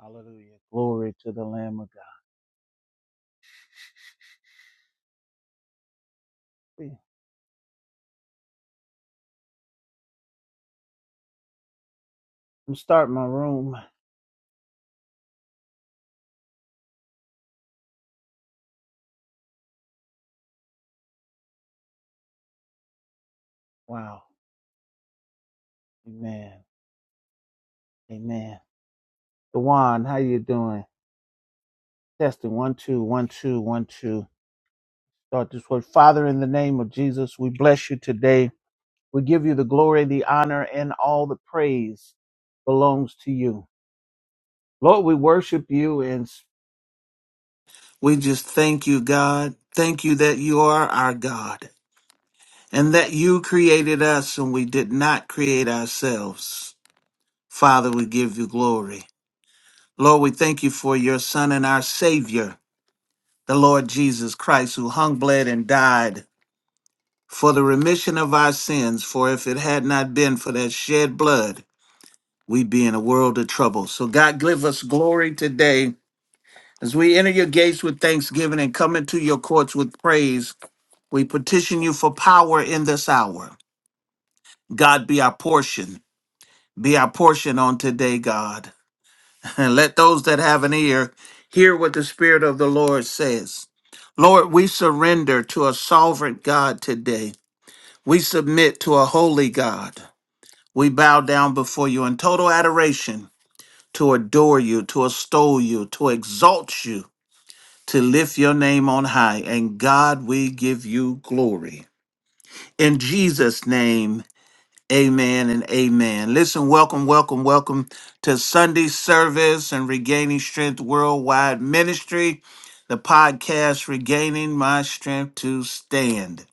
Hallelujah. Glory to the Lamb of God. I'm starting my room. Wow. Amen. Amen. Dewan, how you doing? Testing one, two, one, two, one, two. Start this word. Father, in the name of Jesus, we bless you today. We give you the glory, the honor, and all the praise belongs to you. Lord, we worship you and we just thank you, God. Thank you that you are our God and that you created us and we did not create ourselves. Father, we give you glory. Lord, we thank you for your Son and our Savior, the Lord Jesus Christ, who hung, bled, and died for the remission of our sins. For if it had not been for that shed blood, we'd be in a world of trouble. So, God, give us glory today. As we enter your gates with thanksgiving and come into your courts with praise, we petition you for power in this hour. God, be our portion. Be our portion on today, God. And let those that have an ear hear what the Spirit of the Lord says. Lord, we surrender to a sovereign God today. We submit to a holy God. We bow down before you in total adoration to adore you, to extol you, to exalt you, to lift your name on high. And God, we give you glory. In Jesus' name, Amen and amen. Listen, welcome, welcome, welcome to Sunday service and Regaining Strength Worldwide Ministry, the podcast Regaining My Strength to Stand.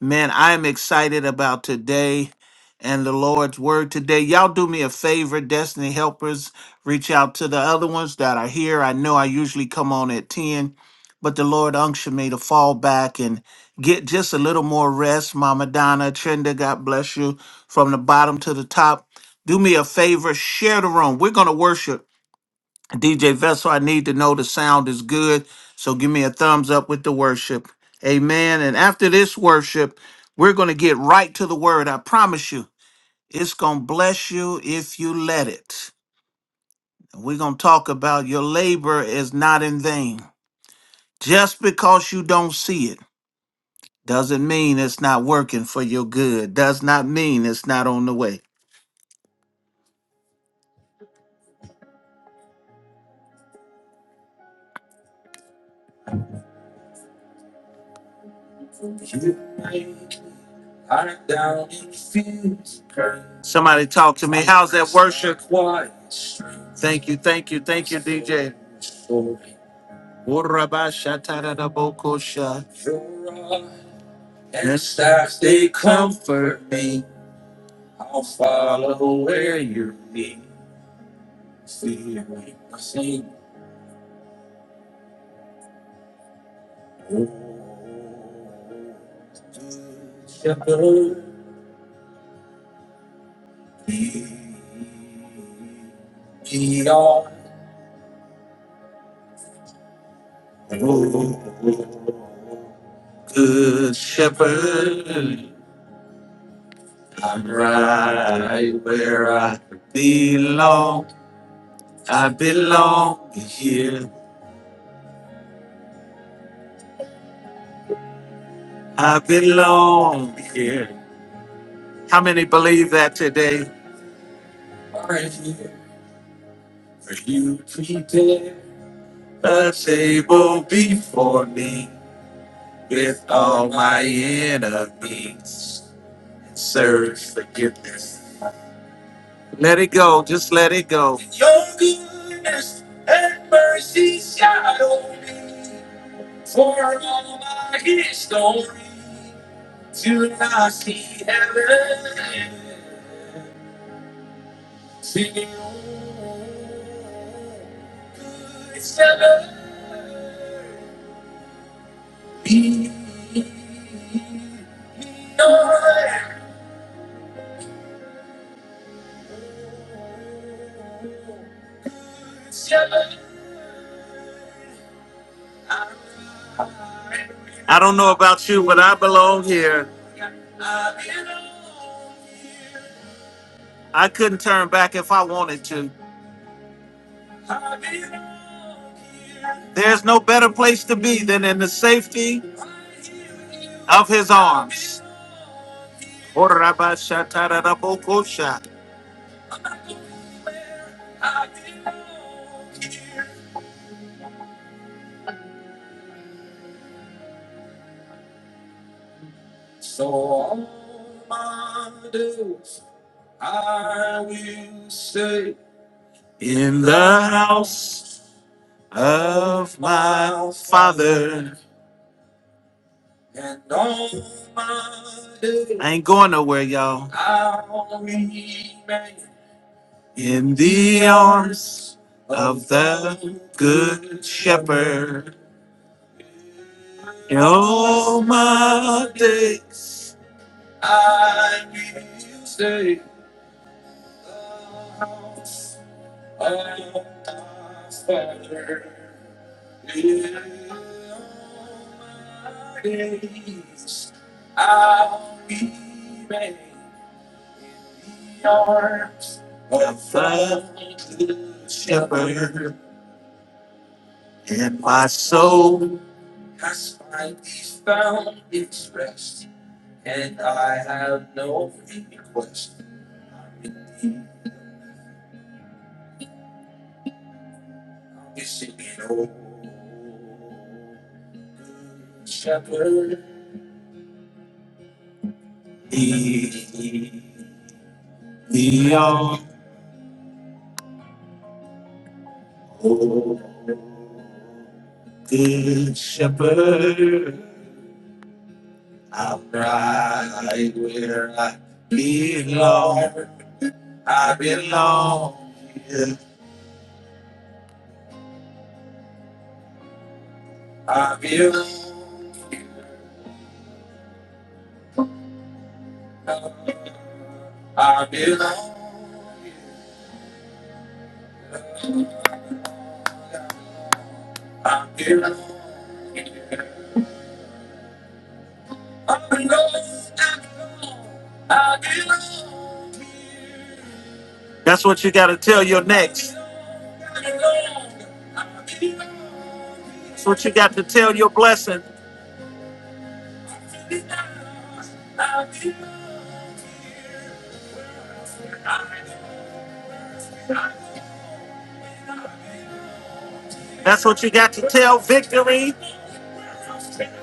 Man, I am excited about today and the Lord's word today. Y'all do me a favor, Destiny Helpers, reach out to the other ones that are here. I know I usually come on at 10, but the Lord unctioned me to fall back and get just a little more rest. Mama Donna, Trenda, God bless you from the bottom to the top. Do me a favor, share the room. We're going to worship. DJ Vessel, I need to know the sound is good. So give me a thumbs up with the worship. Amen. And after this worship, we're going to get right to the word. I promise you, it's going to bless you if you let it. We're going to talk about your labor is not in vain. Just because you don't see it doesn't mean it's not working for your good, does not mean it's not on the way. Somebody talk to me. How's that worship? Thank you, thank you, thank you, DJ. Urabashatarabokosha. And stars they comfort me. I belong here. I belong here. How many believe that today? Let it go. Just let it go. I don't know about you, but I belong here. I couldn't turn back if I wanted to. There's no better place to be than in the safety of his arms. Urabashatarabokosha. In the house. of my Father. And all my days. I ain't going nowhere, y'all. In the arms of the Good Shepherd. In all my days of the Good Shepherd. And my soul, I belong. That's what you got to tell your next. That's what you got to tell your blessing. That's what you got to tell victory.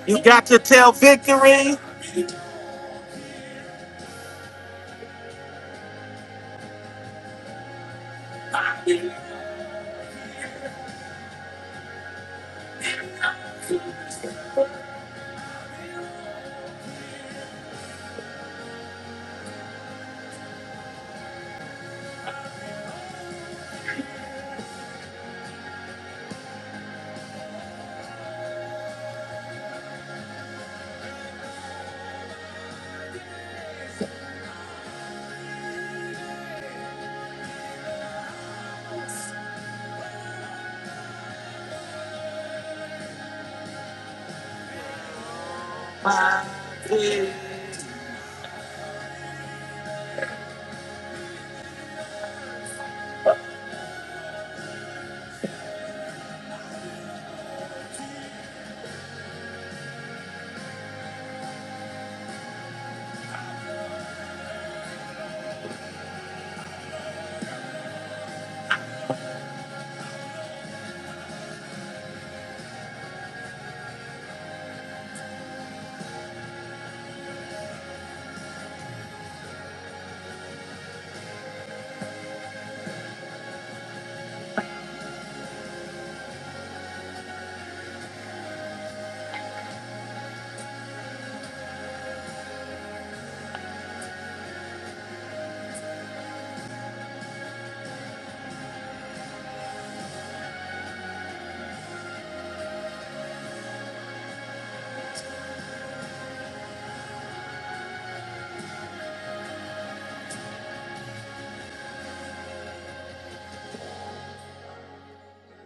You got to tell victory.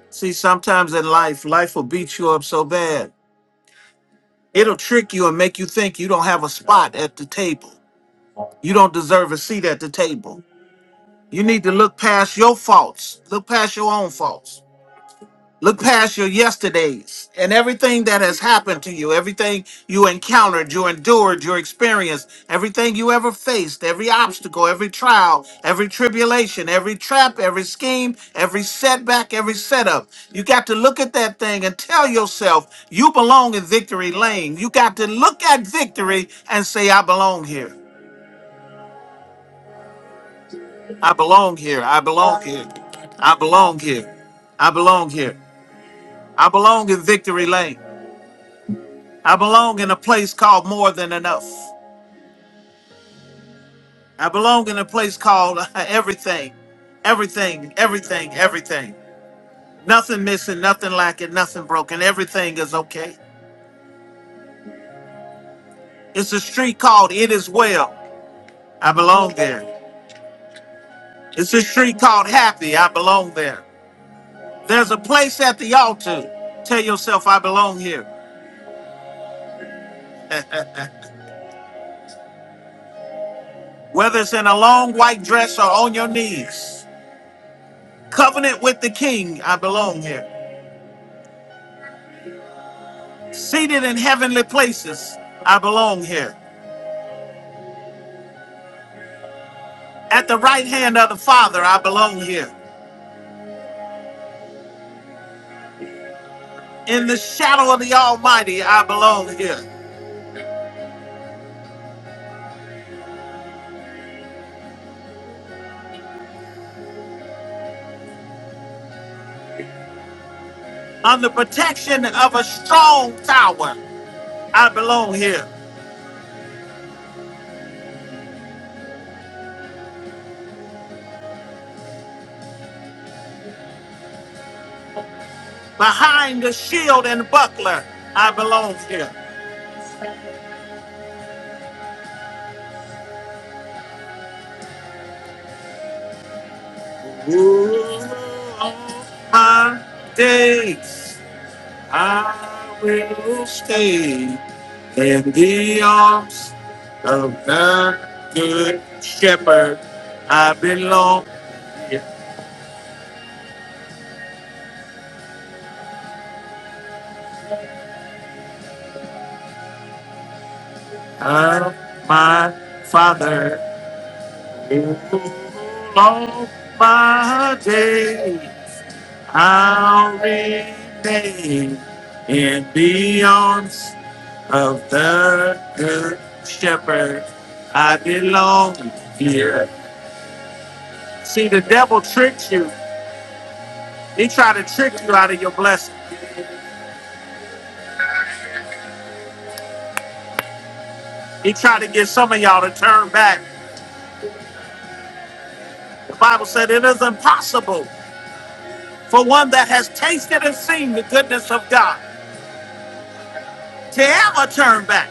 See, sometimes in life, life will beat you up so bad. It'll trick you and make you think you don't have a spot at the table. You don't deserve a seat at the table. You need to look past your faults, look past your own faults. Look past your yesterdays and everything that has happened to you, everything you encountered, you endured, your experience, everything you ever faced, every obstacle, every trial, every tribulation, every trap, every scheme, every setback, every setup. You got to look at that thing and tell yourself you belong in victory lane. You got to look at victory and say, I belong here. I belong here. I belong here. I belong here. I belong here. I belong in victory lane. I belong in a place called more than enough. I belong in a place called everything, everything, everything, everything. Nothing missing, nothing lacking, nothing broken. Everything is okay. It's a street called It Is Well. I belong there. It's a street called Happy. I belong there. There's a place at the altar. Tell yourself, I belong here. Whether it's in a long white dress or on your knees, covenant with the King, I belong here. Seated in heavenly places, I belong here. At the right hand of the Father, I belong here. In the shadow of the Almighty, I belong here. Under protection of a strong tower, I belong here. Behind the shield and buckler, I belong here. Ooh, all my days, I will stay in the arms of the good shepherd. I belong. here. of my Father. In all my days, I'll remain in the arms of the Good Shepherd. I belong here. See, the devil tricks you. He tried to trick you out of your blessing. He tried to get some of y'all to turn back. The Bible said it is impossible for one that has tasted and seen the goodness of God. to ever turn back.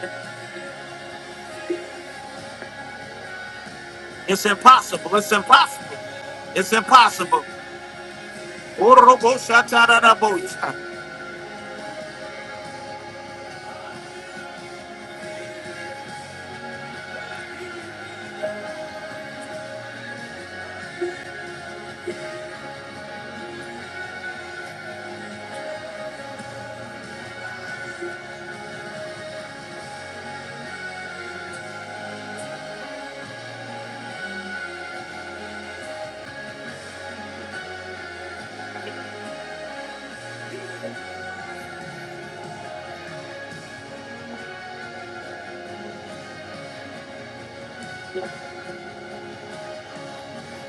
It's impossible. It's impossible. It's impossible. Oroboshatarabosha.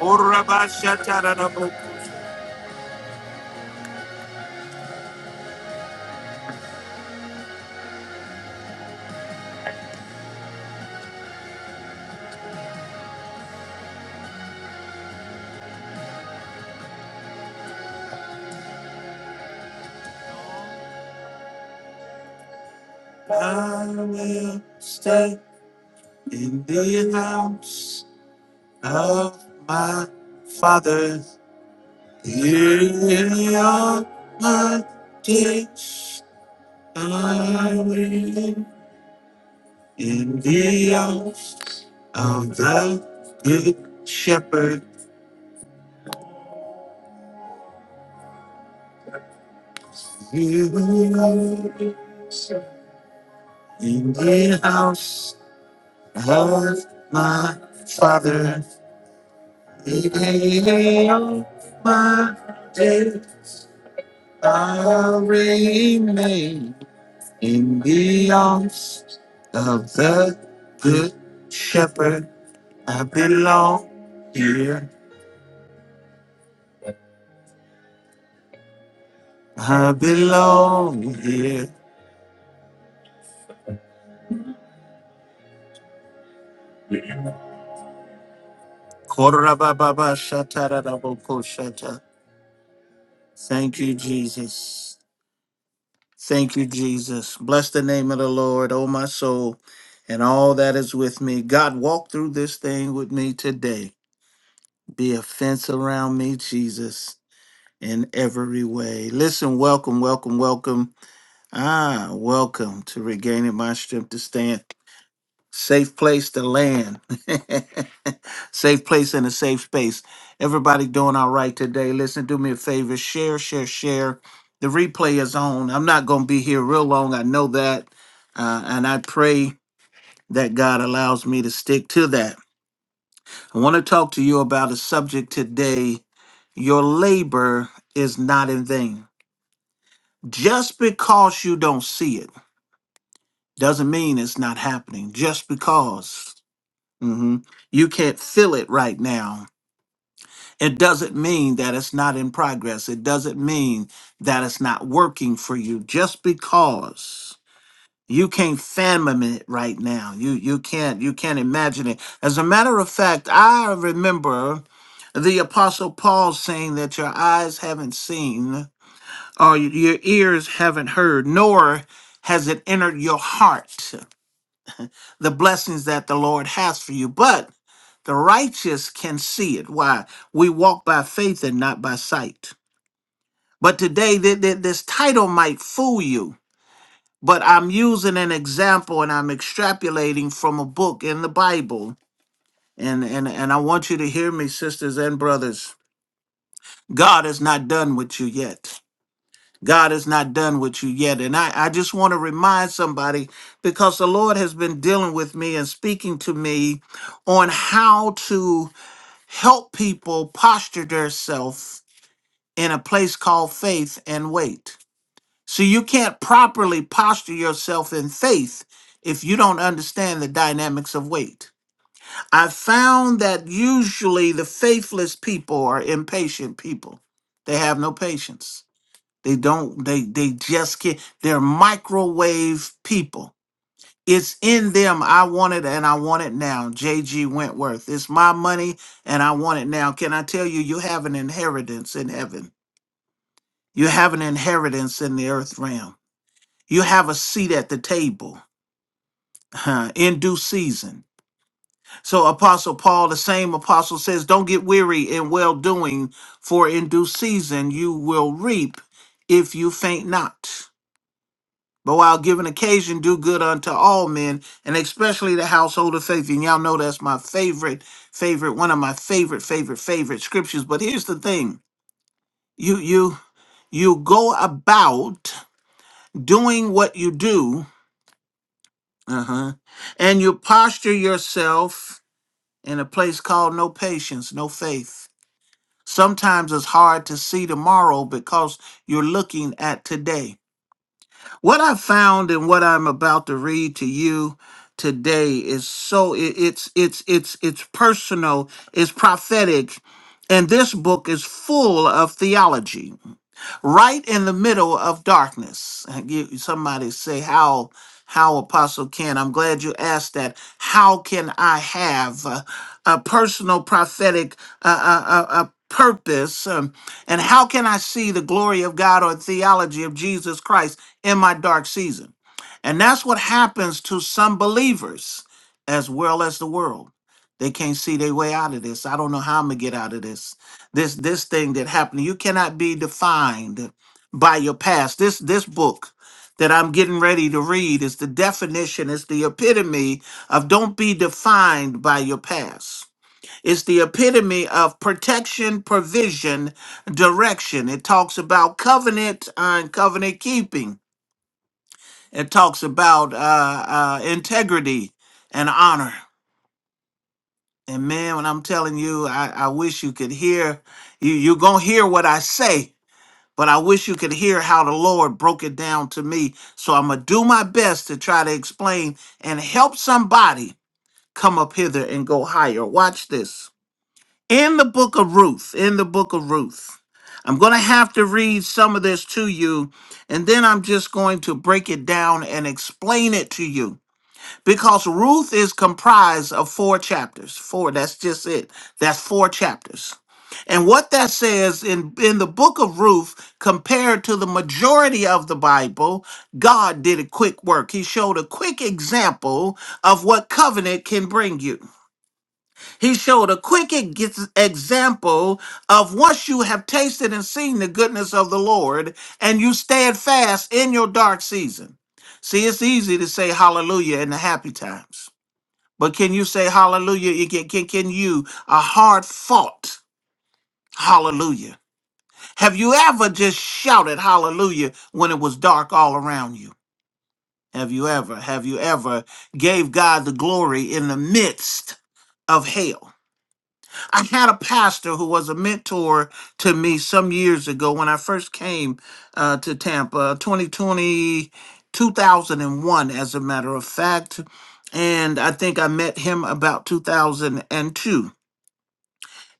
Orabashatarabosha. I will stay in the house of my father. Here are my days. I will in the house of the good shepherd. You. In the house of my father, in the of my dead, I remain. In the arms of the good shepherd, I belong here. I belong here. Korabababa shataraboko shata. Thank you, Jesus. Thank you, Jesus. Bless the name of the Lord, oh my soul, and all that is with me. God, walk through this thing with me today. Be a fence around me, Jesus, in every way. Listen, welcome, welcome, welcome. Ah, welcome to regaining my strength to stand. Safe place to land. safe place and a safe space. Everybody doing all right today. Listen, do me a favor. Share, share, share. The replay is on. I'm not going to be here real long. I know that. Uh, and I pray that God allows me to stick to that. I want to talk to you about a subject today. Your labor is not in vain. Just because you don't see it doesn't mean it's not happening. Just because. hmm You can't feel it right now. It doesn't mean that it's not in progress. It doesn't mean that it's not working for you. Just because you can't fathom it right now, you you can't you can't imagine it. As a matter of fact, I remember the apostle Paul saying that your eyes haven't seen, or your ears haven't heard, nor has it entered your heart the blessings that the Lord has for you. But The righteous can see it. Why? We walk by faith and not by sight. But today, th- th- this title might fool you, but I'm using an example and I'm extrapolating from a book in the Bible. And, and, and I want you to hear me, sisters and brothers. God is not done with you yet. God is not done with you yet. And I, I just want to remind somebody because the Lord has been dealing with me and speaking to me on how to help people posture themselves in a place called faith and wait. So you can't properly posture yourself in faith if you don't understand the dynamics of wait. I found that usually the faithless people are impatient people. They have no patience. They don't they they just can't they're microwave people it's in them. I want it and I want it now. J.G. Wentworth. It's my money and I want it now. Can I tell you, you have an inheritance in heaven? You have an inheritance in the earth realm. You have a seat at the table huh, in due season. So, Apostle Paul, the same apostle says, Don't get weary in well doing, for in due season you will reap if you faint not. But while giving occasion, do good unto all men, and especially the household of faith. And y'all know that's my favorite, favorite, one of my favorite, favorite, favorite scriptures. But here's the thing: you, you, you go about doing what you do, uh-huh, and you posture yourself in a place called no patience, no faith. Sometimes it's hard to see tomorrow because you're looking at today. What I found and what I'm about to read to you today is so it- it's it's it's it's personal, it's prophetic, and this book is full of theology right in the middle of darkness. And you- Somebody say, How, how Apostle Ken? I'm glad you asked that. How can I have uh, a, personal prophetic uh, uh, uh, uh, purpose? Um, and how can I see the glory of God or theology of Jesus Christ in my dark season? And that's what happens to some believers as well as the world. They can't see their way out of this. I don't know how I'm going to get out of this. This this thing that happened, you cannot be defined by your past. This this book that I'm getting ready to read is the definition, it's the epitome of don't be defined by your past. It's the epitome of protection, provision, direction. It talks about covenant uh, and covenant keeping. It talks about uh, uh, integrity and honor. And man, when I'm telling you, I, I wish you could hear. You, you're going to hear what I say but I wish you could hear how the Lord broke it down to me. So I'm going to do my best to try to explain and help somebody come up hither and go higher. Watch this. In the book of Ruth, in the book of Ruth, I'm going to have to read some of this to you, and then I'm just going to break it down and explain it to you. Because Ruth is comprised of four chapters. Four, that's just it. That's four chapters. And what that says in, in the book of Ruth, compared to the majority of the Bible, God did a quick work. He showed a quick example of what covenant can bring you. He showed a quick ex- example of once you have tasted and seen the goodness of the Lord and you stand fast in your dark season. See, it's easy to say hallelujah in the happy times, but can you say hallelujah? Can, can, can you, a hard fought hallelujah? Have you ever just shouted hallelujah when it was dark all around you? Have you ever, have you ever gave God the glory in the midst of hell? I had a pastor who was a mentor to me some years ago when I first came uh, to Tampa, uh, 2020, 2001, as a matter of fact. And I think I met him about 2002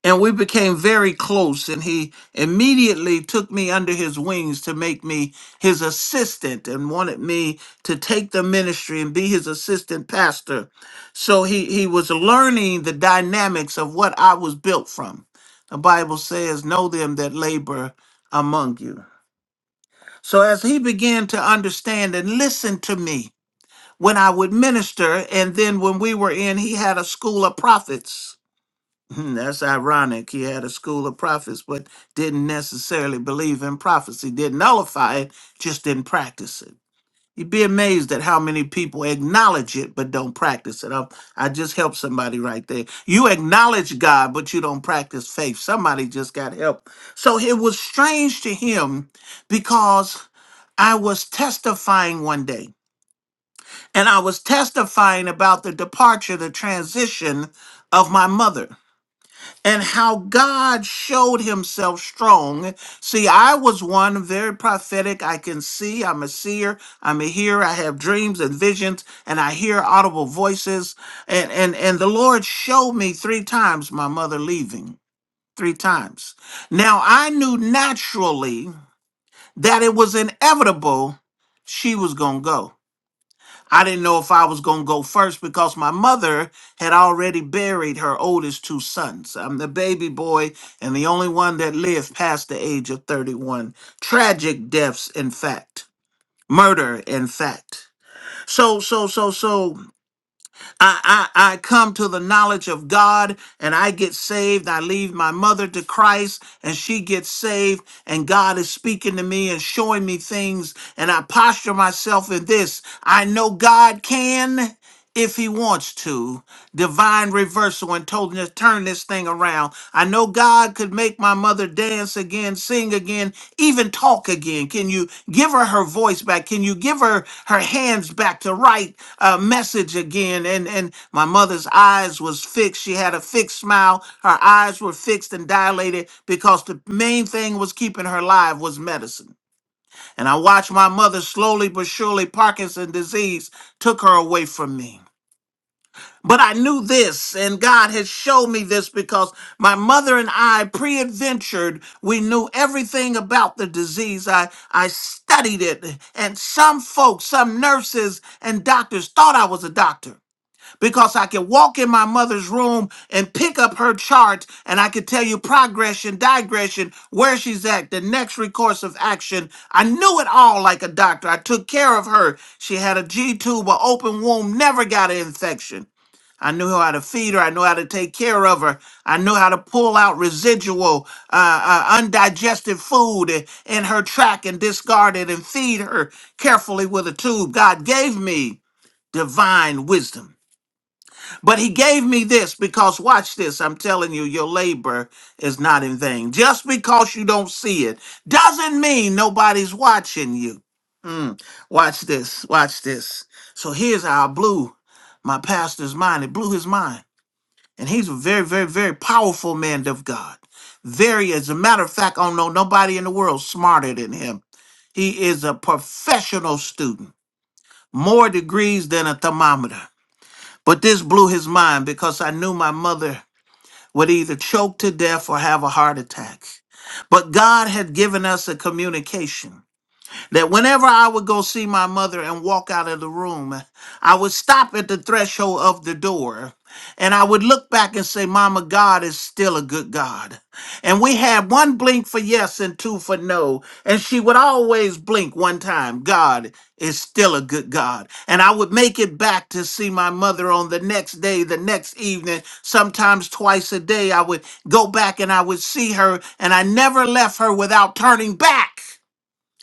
and we became very close and he immediately took me under his wings to make me his assistant and wanted me to take the ministry and be his assistant pastor so he he was learning the dynamics of what I was built from the bible says know them that labor among you so as he began to understand and listen to me when I would minister and then when we were in he had a school of prophets Hmm, That's ironic. He had a school of prophets, but didn't necessarily believe in prophecy, didn't nullify it, just didn't practice it. You'd be amazed at how many people acknowledge it but don't practice it. I, I just helped somebody right there. You acknowledge God, but you don't practice faith. Somebody just got help. So it was strange to him because I was testifying one day, and I was testifying about the departure, the transition of my mother and how God showed himself strong. See, I was one very prophetic. I can see, I'm a seer, I'm a hearer, I have dreams and visions, and I hear audible voices. And and and the Lord showed me three times my mother leaving. Three times. Now I knew naturally that it was inevitable she was gonna go. I didn't know if I was going to go first because my mother had already buried her oldest two sons. I'm the baby boy and the only one that lived past the age of 31. Tragic deaths, in fact. Murder, in fact. So, so, so, so. I, I, I come to the knowledge of God and I get saved. I leave my mother to Christ and she gets saved. And God is speaking to me and showing me things. And I posture myself in this. I know God can, if he wants to, divine reversal and told him to turn this thing around. I know God could make my mother dance again, sing again, even talk again. Can you give her her voice back? Can you give her her hands back to write a message again? and my mother's eyes was fixed she had a fixed smile her eyes were fixed and dilated because the main thing was keeping her alive was medicine and i watched my mother slowly but surely parkinson's disease took her away from me but I knew this, and God had showed me this because my mother and I pre adventured. We knew everything about the disease. I, I studied it, and some folks, some nurses and doctors thought I was a doctor because I can walk in my mother's room and pick up her chart and I can tell you progression, digression, where she's at, the next recourse of action. I knew it all like a doctor. I took care of her. She had a G tube, an open womb, never got an infection. I knew how to feed her. I knew how to take care of her. I knew how to pull out residual, uh, uh, undigested food i- in her track and discard it and feed her carefully with a tube. God gave me divine wisdom. But he gave me this because, watch this, I'm telling you, your labor is not in vain. Just because you don't see it doesn't mean nobody's watching you. Mm, watch this, watch this. So here's how I blew my pastor's mind. It blew his mind. And he's a very, very, very powerful man of God. Very, as a matter of fact, I don't know nobody in the world smarter than him. He is a professional student, more degrees than a thermometer. But this blew his mind because I knew my mother would either choke to death or have a heart attack. But God had given us a communication that whenever I would go see my mother and walk out of the room, I would stop at the threshold of the door and I would look back and say, Mama, God is still a good God. And we had one blink for yes and two for no. And she would always blink one time. God is still a good God. And I would make it back to see my mother on the next day, the next evening, sometimes twice a day. I would go back and I would see her, and I never left her without turning back.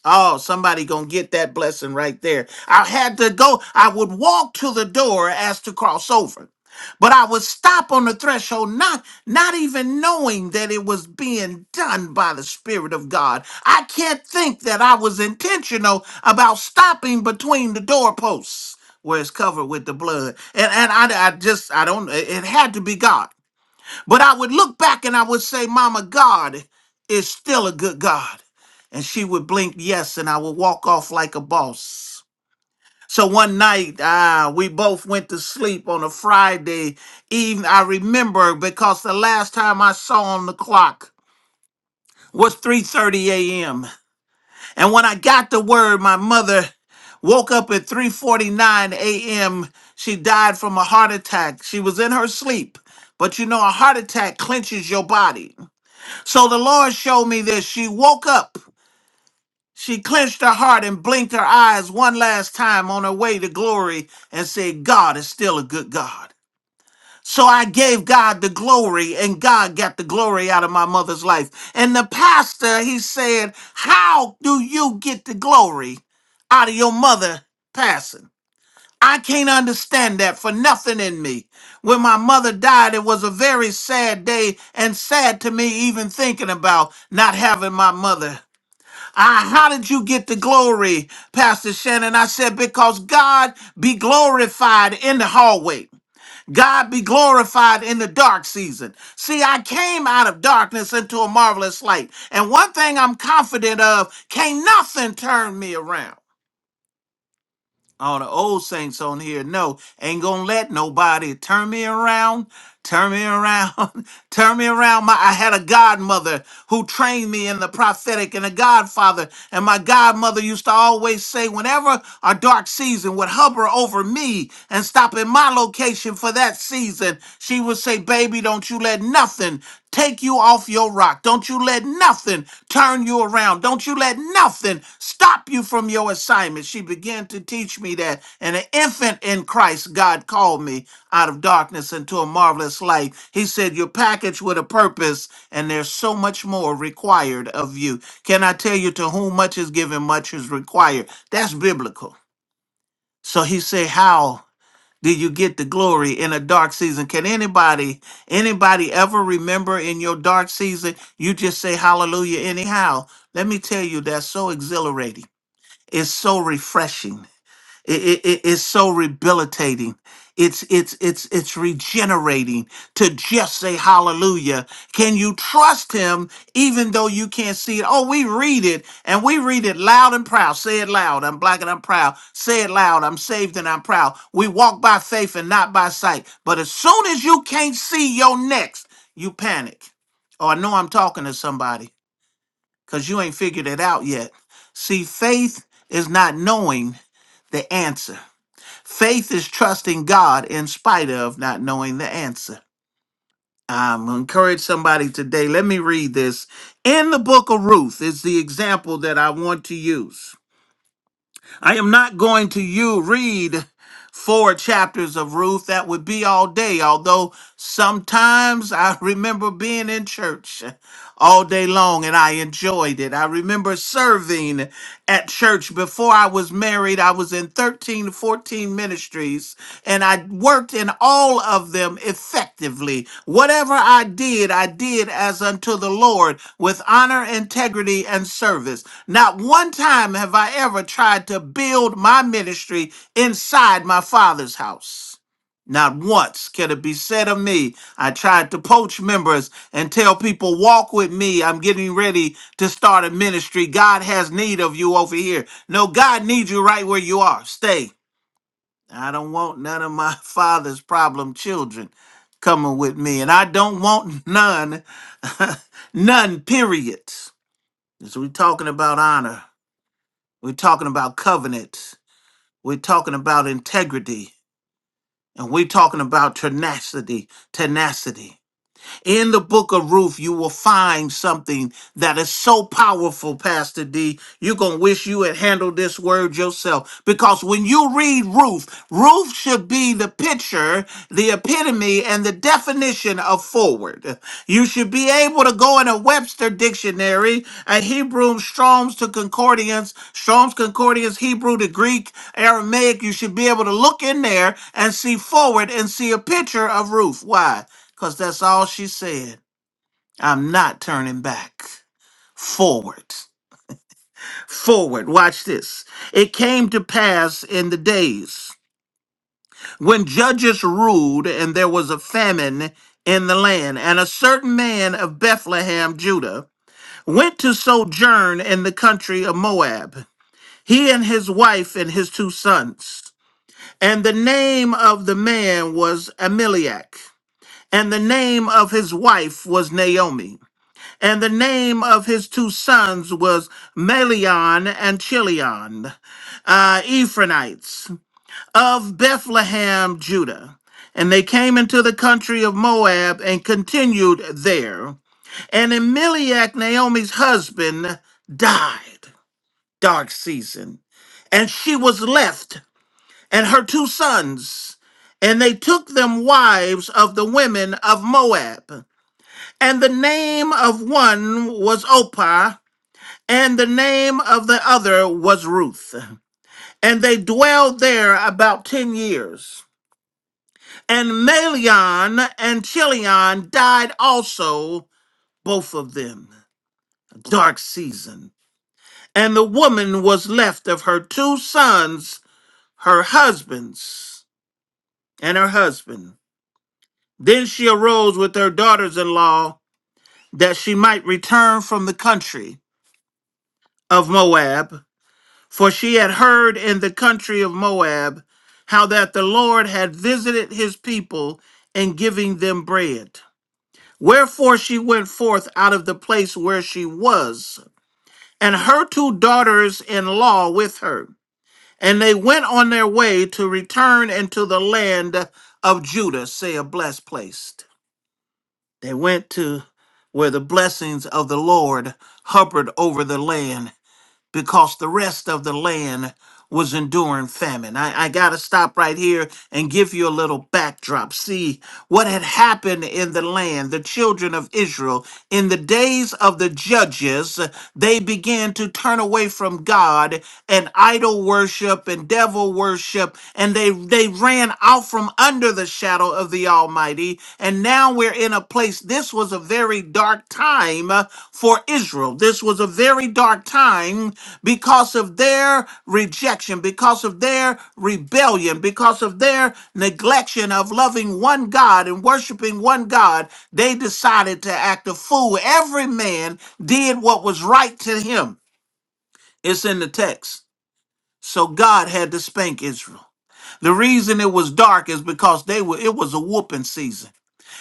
Oh, somebody gonna get that blessing right there. I had to go. I would walk to the door as to cross over, but I would stop on the threshold, not not even knowing that it was being done by the Spirit of God. I can't think that I was intentional about stopping between the doorposts where it's covered with the blood. And and I, I just I don't. It it had to be God. But I would look back and I would say, Mama, God is still a good God and she would blink yes and i would walk off like a boss so one night ah we both went to sleep on a friday evening i remember because the last time i saw on the clock was 3.30 a.m and when i got the word my mother woke up at 3.49 a.m she died from a heart attack she was in her sleep but you know a heart attack clenches your body so the lord showed me this she woke up She clenched her heart and blinked her eyes one last time on her way to glory and said, God is still a good God. So I gave God the glory and God got the glory out of my mother's life. And the pastor, he said, How do you get the glory out of your mother passing? I can't understand that for nothing in me. When my mother died, it was a very sad day and sad to me even thinking about not having my mother Ah, how did you get the glory, Pastor Shannon? I said, because God be glorified in the hallway. God be glorified in the dark season. See, I came out of darkness into a marvelous light. And one thing I'm confident of, can't nothing turn me around all the old saints on here know ain't gonna let nobody turn me around turn me around turn me around my i had a godmother who trained me in the prophetic and a godfather and my godmother used to always say whenever a dark season would hover over me and stop in my location for that season she would say baby don't you let nothing take you off your rock. Don't you let nothing turn you around. Don't you let nothing stop you from your assignment. She began to teach me that. And an infant in Christ, God called me out of darkness into a marvelous light. He said, You're packaged with a purpose, and there's so much more required of you. Can I tell you to whom much is given, much is required? That's biblical. So he said, How? do you get the glory in a dark season can anybody anybody ever remember in your dark season you just say hallelujah anyhow let me tell you that's so exhilarating it's so refreshing it, it, it's so rehabilitating. It's it's it's it's regenerating to just say hallelujah. Can you trust him even though you can't see it? Oh, we read it and we read it loud and proud. Say it loud. I'm black and I'm proud. Say it loud. I'm saved and I'm proud. We walk by faith and not by sight. But as soon as you can't see your next, you panic. Oh, I know I'm talking to somebody because you ain't figured it out yet. See, faith is not knowing the answer. Faith is trusting God in spite of not knowing the answer. I'm going to encourage somebody today. Let me read this. In the book of Ruth is the example that I want to use. I am not going to you read four chapters of Ruth. That would be all day, although sometimes I remember being in church all day long and I enjoyed it. I remember serving at church before I was married. I was in 13, 14 ministries and I worked in all of them effectively. Whatever I did, I did as unto the Lord with honor, integrity, and service not one time have I ever tried to build my ministry inside my father's house. Not once can it be said of me, I tried to poach members and tell people, walk with me. I'm getting ready to start a ministry. God has need of you over here. No, God needs you right where you are. Stay. I don't want none of my father's problem children coming with me. And I don't want none, none, period. So we're talking about honor. We're talking about covenants. We're talking about integrity. And we're talking about tenacity. Tenacity book of Ruth, you will find something that is so powerful, Pastor D. You're going to wish you had handled this word yourself. Because when you read Ruth, Ruth should be the picture, the epitome, and the definition of forward. You should be able to go in a Webster dictionary, a Hebrew, Strong's to Concordance, Strong's Concordance, Hebrew to Greek, Aramaic. You should be able to look in there and see forward and see a picture of Ruth. Why? Because that's all she said. I'm not turning back. Forward. Forward. Watch this. It came to pass in the days when judges ruled, and there was a famine in the land, and a certain man of Bethlehem, Judah, went to sojourn in the country of Moab, he and his wife and his two sons. And the name of the man was Ameliak, and the name of his wife was Naomi. And the name of his two sons was Melion and Chilion, uh, Ephraimites of Bethlehem, Judah. And they came into the country of Moab and continued there. And Elimelech, Naomi's husband, died. Dark season. And she was left, and her two sons. And they took them wives of the women of Moab. And the name of one was Opah, and the name of the other was Ruth. And they dwelled there about ten years. And Malion and Chilion died also, both of them. A dark season. And the woman was left of her two sons, her husbands, and her husband. Then she arose with her daughters in law that she might return from the country of Moab For she had heard in the country of Moab how that the Lord had visited his people in giving them bread. Wherefore she went forth out of the place where she was, and her two daughters in law with her. And they went on their way to return into the land of Judah, say a blessed place. They went to where the blessings of the Lord hovered over the land because the rest of the land was enduring famine. I, I got to stop right here and give you a little backdrop. See what had happened in the land, the children of Israel. In the days of the judges, they began to turn away from God and idol worship and devil worship, and they, they ran out from under the shadow of the Almighty. And now we're in a place, this was a very dark time uh, for Israel. This was a very dark time because of their rejection, because of their rebellion, because of their neglection of loving one God and worshiping one God, they decided to act a fool. Every man did what was right to him. It's in the text. So God had to spank Israel. The reason it was dark is because they were it was a whooping season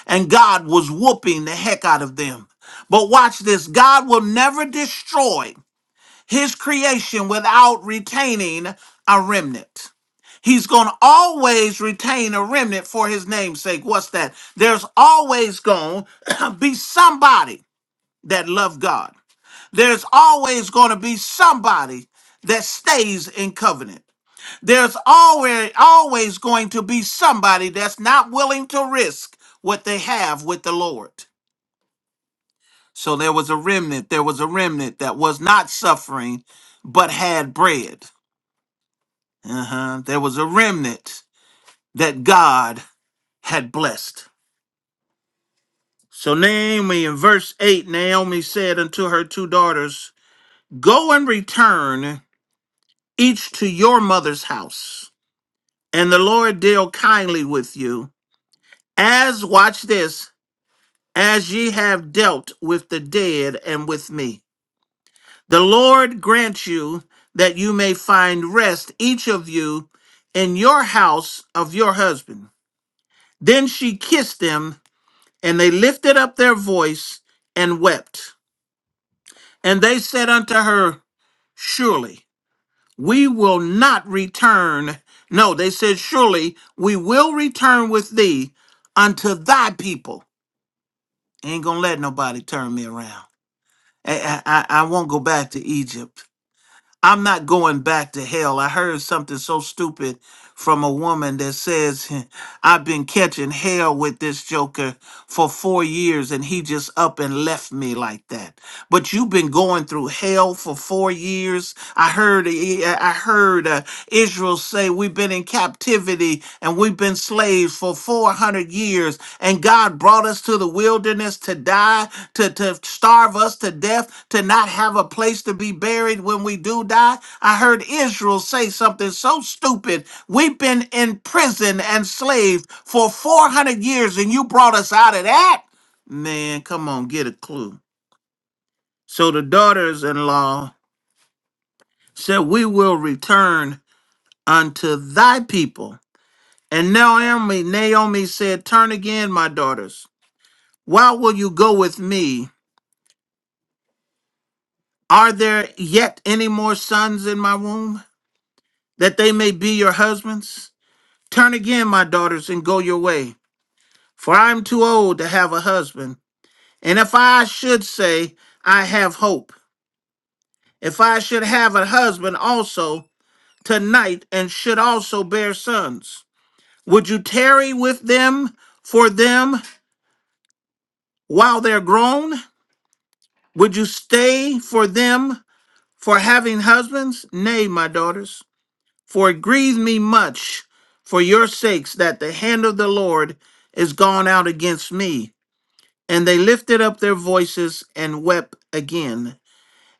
and God was whooping the heck out of them. But watch this, God will never destroy his creation without retaining a remnant. He's going to always retain a remnant for his name's sake. What's that? There's always going to be somebody that love God. There's always going to be somebody that stays in covenant. There's always always going to be somebody that's not willing to risk what they have with the Lord. So there was a remnant, there was a remnant that was not suffering but had bread. Uh-huh. There was a remnant that God had blessed. So Naomi in verse 8, Naomi said unto her two daughters, Go and return each to your mother's house, and the Lord deal kindly with you, as watch this, as ye have dealt with the dead and with me. The Lord grant you that you may find rest, each of you, in your house of your husband. Then she kissed them And they lifted up their voice and wept. And they said unto her, Surely we will not return. No, they said, Surely we will return with thee unto thy people. Ain't gonna let nobody turn me around. I, I, I I won't go back to Egypt. I'm not going back to hell. I heard something so stupid from a woman that says, I've been catching hell with this joker for four years and he just up and left me like that. But you've been going through hell for four years. I heard, eh, eh, I heard uh, Israel say, We've been in captivity and we've been slaves for 400 years and God brought us to the wilderness to die to, to starve us to death, to not have a place to be buried when we do die. I heard Israel say something so stupid. We've been in prison and slaved for 400 years, and you brought us out of that? Man, come on, get a clue. So the daughters in law said, We will return unto thy people. And Naomi, Naomi said, Turn again, my daughters. Why will you go with me? Are there yet any more sons in my womb? that they may be your husbands? Turn again, my daughters, and go your way, for I am too old to have a husband. And if I should say, I have hope, if I should have a husband also tonight, and should also bear sons, would you tarry with them for them while they're grown? Would you stay for them for having husbands? Nay, my daughters. For it grieved me much for your sakes that the hand of the Lord is gone out against me. And they lifted up their voices and wept again.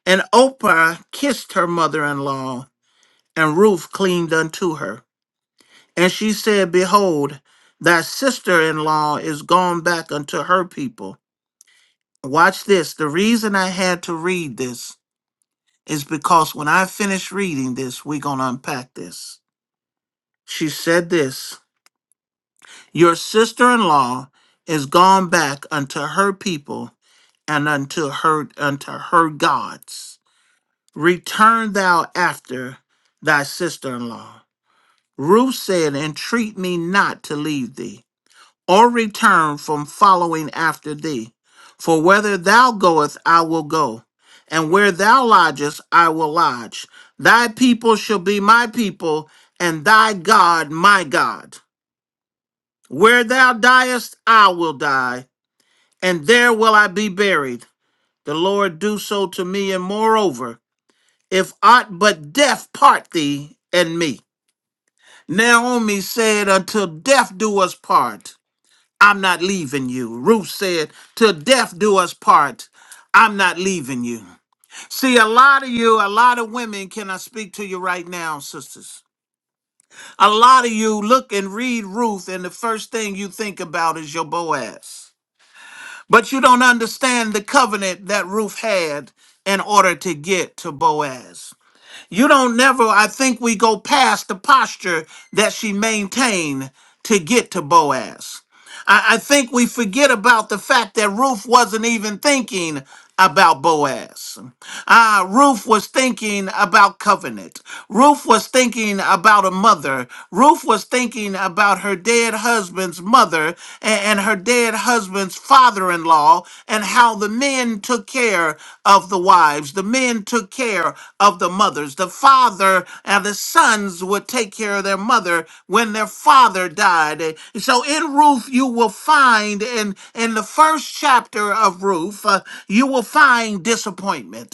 And Oprah kissed her mother in law, and Ruth cleaved unto her. And she said, Behold, thy sister in law is gone back unto her people. Watch this. The reason I had to read this is because when I finish reading this, we're going to unpack this. She said this. Your sister in law is gone back unto her people and unto her unto her gods. Return thou after thy sister in law. Ruth said, Entreat me not to leave thee, or return from following after thee. For whether thou goest, I will go, and where thou lodgest, I will lodge. Thy people shall be my people, and thy God my God. Where thou diest, I will die and there will I be buried. The Lord do so to me, and moreover, if aught but death part thee and me. Naomi said, Until death do us part, I'm not leaving you. Ruth said, Till death do us part, I'm not leaving you. See, a lot of you, a lot of women, can I speak to you right now, sisters? A lot of you look and read Ruth, and the first thing you think about is your Boaz. But you don't understand the covenant that Ruth had in order to get to Boaz. You don't never think we go past the posture that's to Boaz. I think we forget about the fact that Ruth wasn't even thinking about Boaz. Ah, Ruth was thinking about covenant. Ruth was thinking about a mother. Ruth was thinking about her dead husband's mother a- and, her dead husband's father in law and how the men took care of the wives. The men took care of the mothers. The father and the sons would take care of their mother when their father died. And So in Ruth, you will find in, in the first chapter of Ruth, uh, you will find disappointment.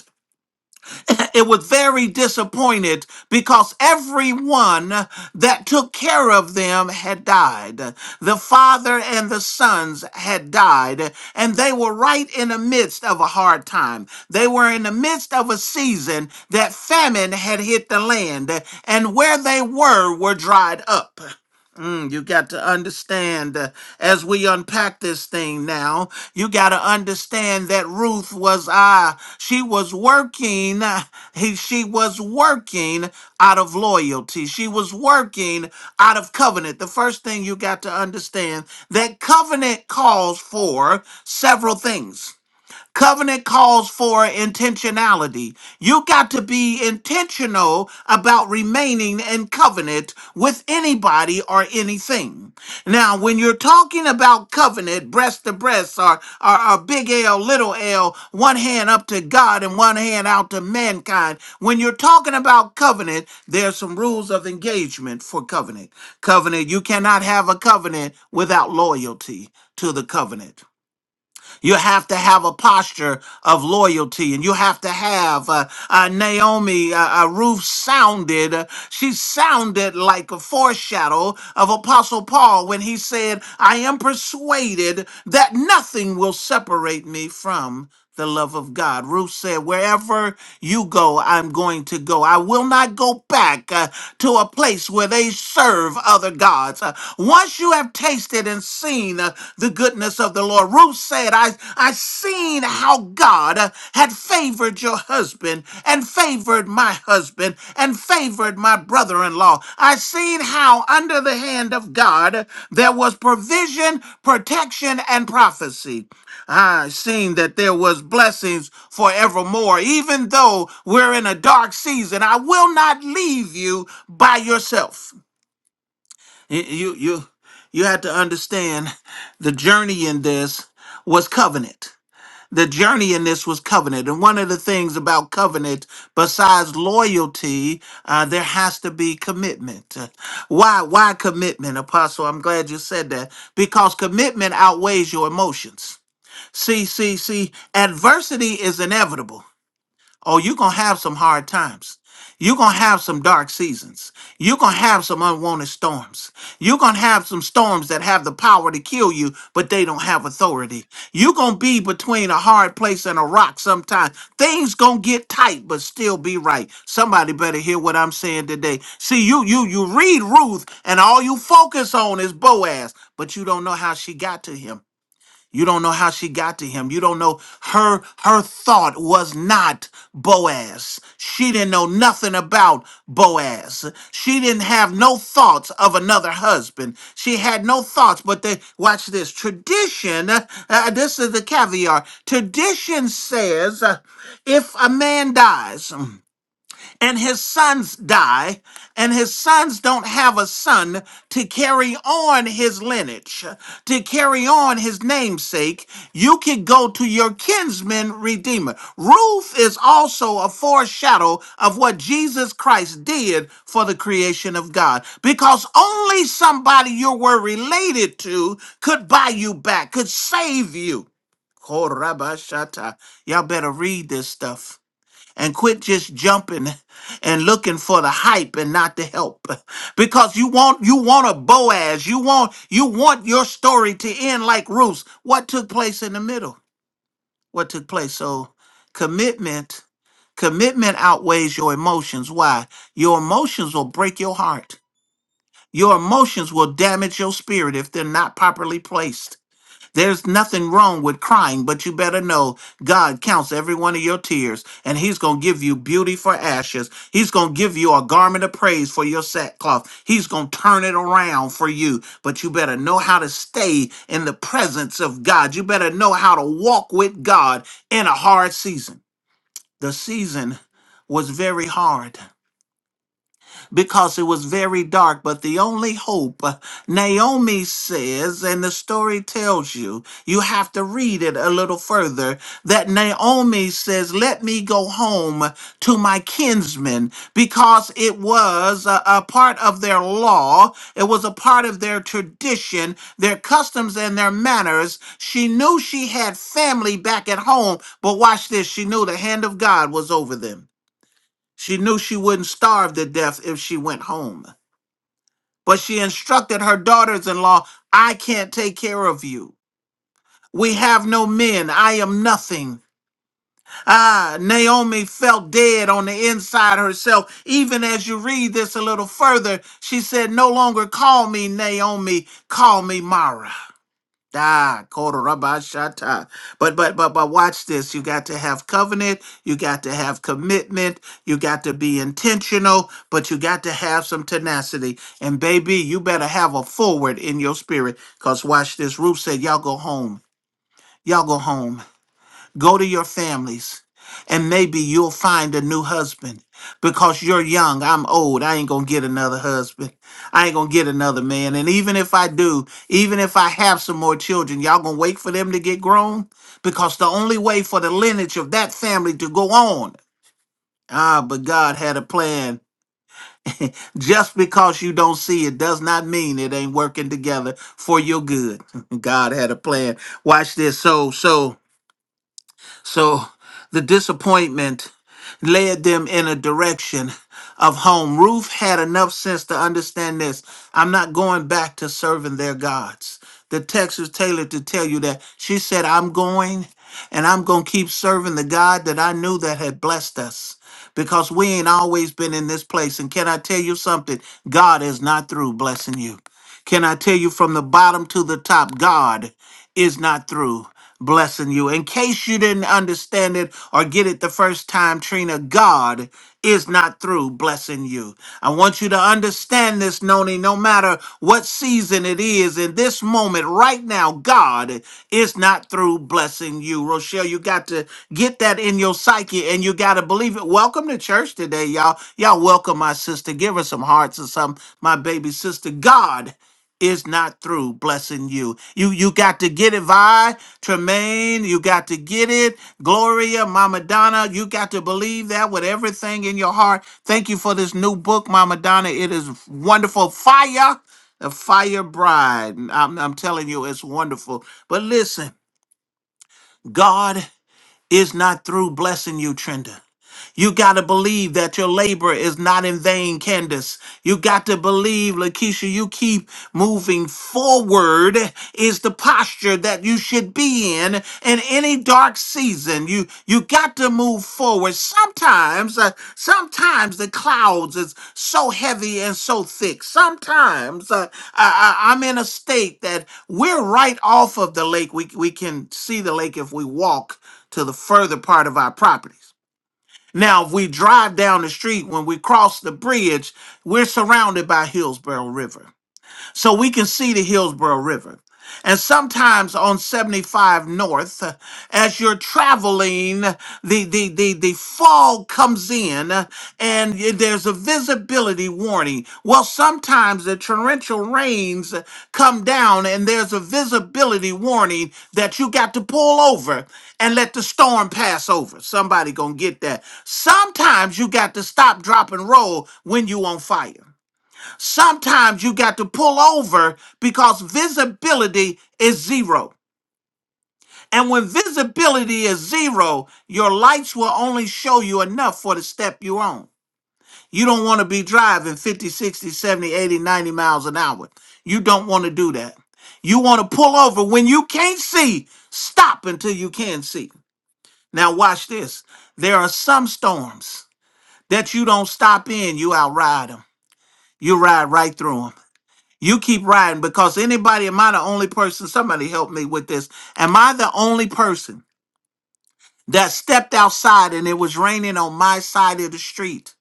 it was very disappointed because everyone that took care of them had died. The father and the sons had died, and they were right in the midst of a hard time. They were in the midst of a season that famine had hit the land, and where they were were dried up. Mm, you got to understand uh, as we unpack this thing now, you got to understand that Ruth was ah, she was working uh, he, she was working out of loyalty. She was working out of covenant. The first thing you got to understand that covenant calls for several things. Covenant calls for intentionality. You got to be intentional about remaining in covenant with anybody or anything. Now, when you're talking about covenant, breast to breast, or, or, or big L, little L, one hand up to God and one hand out to mankind, when you're talking about covenant, there's some rules of engagement for covenant. Covenant, you cannot have a covenant without loyalty to the covenant. You have to have a posture of loyalty, and you have to have uh, uh, Naomi. Uh, uh, Ruth sounded, uh, she sounded like a foreshadow of Apostle Paul when he said, I am persuaded that nothing will separate me from the love of God. Ruth said, Wherever you go, I'm going to go. I will not go back uh, to a place where they serve other gods. Uh, once you have tasted and seen uh, the goodness of the Lord, Ruth said, I, I seen how God uh, had favored your husband and favored my husband and favored my brother in law. I seen how under the hand of God uh, there was provision, protection, and prophecy. I seen that there was blessings forevermore. Even though we're in a dark season, I will not leave you by yourself. You you you, you had to understand the journey in this was covenant. The journey in this was covenant. And one of the things about covenant, besides loyalty, uh, there has to be commitment. Uh, Why? Why commitment, Apostle? I'm glad you said that because commitment outweighs your emotions. See, see, see, adversity is inevitable. Oh, you're going to have some hard times. You're going to have some dark seasons. You're going to have some unwanted storms. You're going to have some storms that have the power to kill you, but they don't have authority. You're going to be between a hard place and a rock sometimes. Things going to get tight, but still be right. Somebody better hear what I'm saying today. See, you you you read Ruth and all you focus on is Boaz, but you don't know how she got to him. You don't know how she got to him. You don't know her her thought was not Boaz. She didn't know nothing about Boaz. She didn't have no thoughts of another husband. She had no thoughts, but they watch this. Tradition, uh, uh, this is the caviar. Tradition says uh, if a man dies, and his sons die, and his sons don't have a son to carry on his lineage, to carry on his namesake, you can go to your kinsman redeemer. Ruth is also a foreshadow of what Jesus Christ did for the creation of God, because only somebody you were related to could buy you back, could save you. Korabashata. Y'all better read this stuff and quit just jumping and looking for the hype and not the help because you want you want a boaz you want you want your story to end like ruth what took place in the middle what took place so commitment commitment outweighs your emotions why your emotions will break your heart your emotions will damage your spirit if they're not properly placed there's nothing wrong with crying, but you better know God counts every one of your tears, and He's going to give you beauty for ashes. He's going to give you a garment of praise for your sackcloth. He's going to turn it around for you, but you better know how to stay in the presence of God. You better know how to walk with God in a hard season. The season was very hard because it was very dark, but the only hope, uh, Naomi says, and the story tells you, you have to a little further that Naomi let me go home to my kin because it was a, a part of their law, it was a part of their tradition, their customs, and their manners. She knew she had family back at home, but watch this she knew the hand of God was over them. She knew she wouldn't starve to death if she went home. But she instructed her daughters in law, I can't take care of you. We have no men. I am nothing. Ah, Naomi felt dead on the inside herself. Even as you read this a little further, she said, No longer call me Naomi, call me Mara. Ah, Korabashata. But but but but watch this. You got to have covenant, you got to have commitment, you got to be intentional, but you got to have some tenacity. And baby, you better have a forward in your spirit. Cause watch this. Ruth said, Y'all go home. Y'all go home. Go to your families, and maybe you'll find a new husband because you're young. I'm old. I ain't going to get another husband. I ain't going to get another man. And even if I do, even if I have some more children, y'all going to wait for them to get grown? Because the only way for the lineage of that family to go on, ah, but God had a plan. Just because you don't see it does not mean it ain't working together for your good. God had a plan. Watch this. So, so so the disappointment led them in a direction of home. Ruth had enough sense to understand this. I'm not going back to serving their gods. The text is tailored to tell you that she said, I'm going and I'm going to keep serving the God that I knew that had blessed us because we ain't always been in this place. And can I tell you something? God is not through blessing you. Can I tell you from the bottom to the top, God is not through blessing you. In case you didn't understand it or get it the first time, Trina, God is not through blessing you. I want you to understand this, Noni, no matter what season it is in this moment right now, God is not through blessing you. Rochelle, you got to get that in your psyche and you got to believe it. Welcome to church today, y'all. Y'all welcome my sister. Give her some hearts or something, my baby sister. God is not through blessing you. You you got to get it, Vi, Tremaine, you got to get it. Gloria, Mama Donna, you got to believe that with everything in your heart. Thank you for this new book, Mama Donna. It is wonderful. Fire, the fire bride. I'm, I'm telling you, it's wonderful. But listen, God is not through blessing you, Trenda. You got to believe that your labor is not in vain, Candace. You got to believe, Lakeisha, you keep moving forward is the posture that you should be in in any dark season. You you got to move forward. Sometimes, uh, sometimes the clouds is so heavy and so thick. Sometimes uh, I, I, I'm in a state that we're right off of the lake. We we can see the lake if we walk to the further part of our properties. Now, if we drive down the street, when we cross the bridge, we're surrounded by Hillsborough River so we can see the Hillsborough River. And sometimes on 75 North, uh, as you're traveling, the, the, the, the fog comes in uh, and y- there's a visibility warning. Well, sometimes the torrential rains uh, come down and there's a visibility warning that you got to pull over and let the storm pass over. Somebody gonna get that. Sometimes you got to stop, drop, and roll when you on fire. Sometimes you got to pull over because visibility is zero. And when visibility is zero, your lights will only show you enough for the step you're on. You don't want to be driving 50, 60, 70, 80, 90 miles an hour. You don't want to do that. You want to pull over when you can't see, stop until you can see. Now, watch this. There are some storms that you don't stop in, you outride them. You ride right through them. You keep riding because anybody, am I the only person? Somebody help me with this. Am I the only person that stepped outside and it was raining on my side of the street?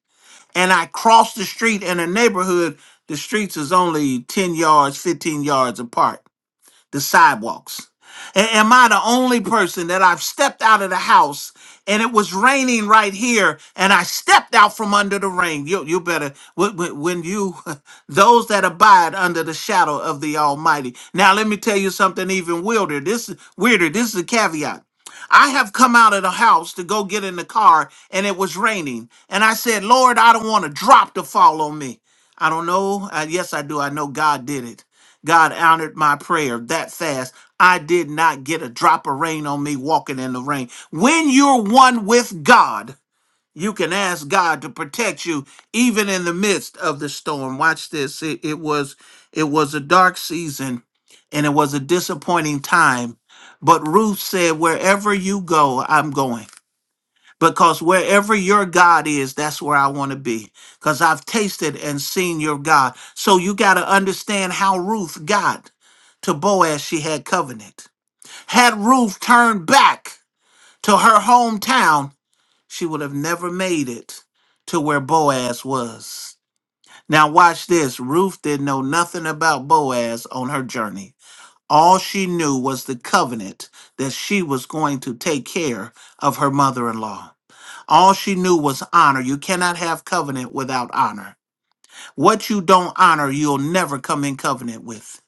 And I crossed the street in a neighborhood, the streets is only 10 yards, 15 yards apart the sidewalks? A- Am I the only person that I've stepped out of the house and it was raining right here and I stepped out from under the rain? You, you better, when when- when you, those that abide under the shadow of the Almighty. Now, let me tell you something even weirder. This, is weirder. This is a caveat. I have come out of the house to go get in the car and it was raining. And I said, Lord, I don't want a drop to fall on me. I don't know. Uh, yes, I do. I know God did it. God honored my prayer that fast. I did not get a drop of rain on me walking in the rain. When you're one with God, you can ask God to protect you even in the midst of the storm. Watch this. It, it was it was a dark season and it was a disappointing time, but Ruth said, "Wherever you go, I'm going." Because wherever your God is, that's where I want to be. Because I've tasted and seen your God. So you got to understand how Ruth got to Boaz. She had covenant. Had Ruth turned back to her hometown, she would have never made it to where Boaz was. Now, watch this. Ruth didn't know nothing about Boaz on her journey. All she knew was the covenant that she was going to take care of her mother in law. All she knew was honor. You cannot have covenant without honor. What you don't honor, you'll never come in covenant with.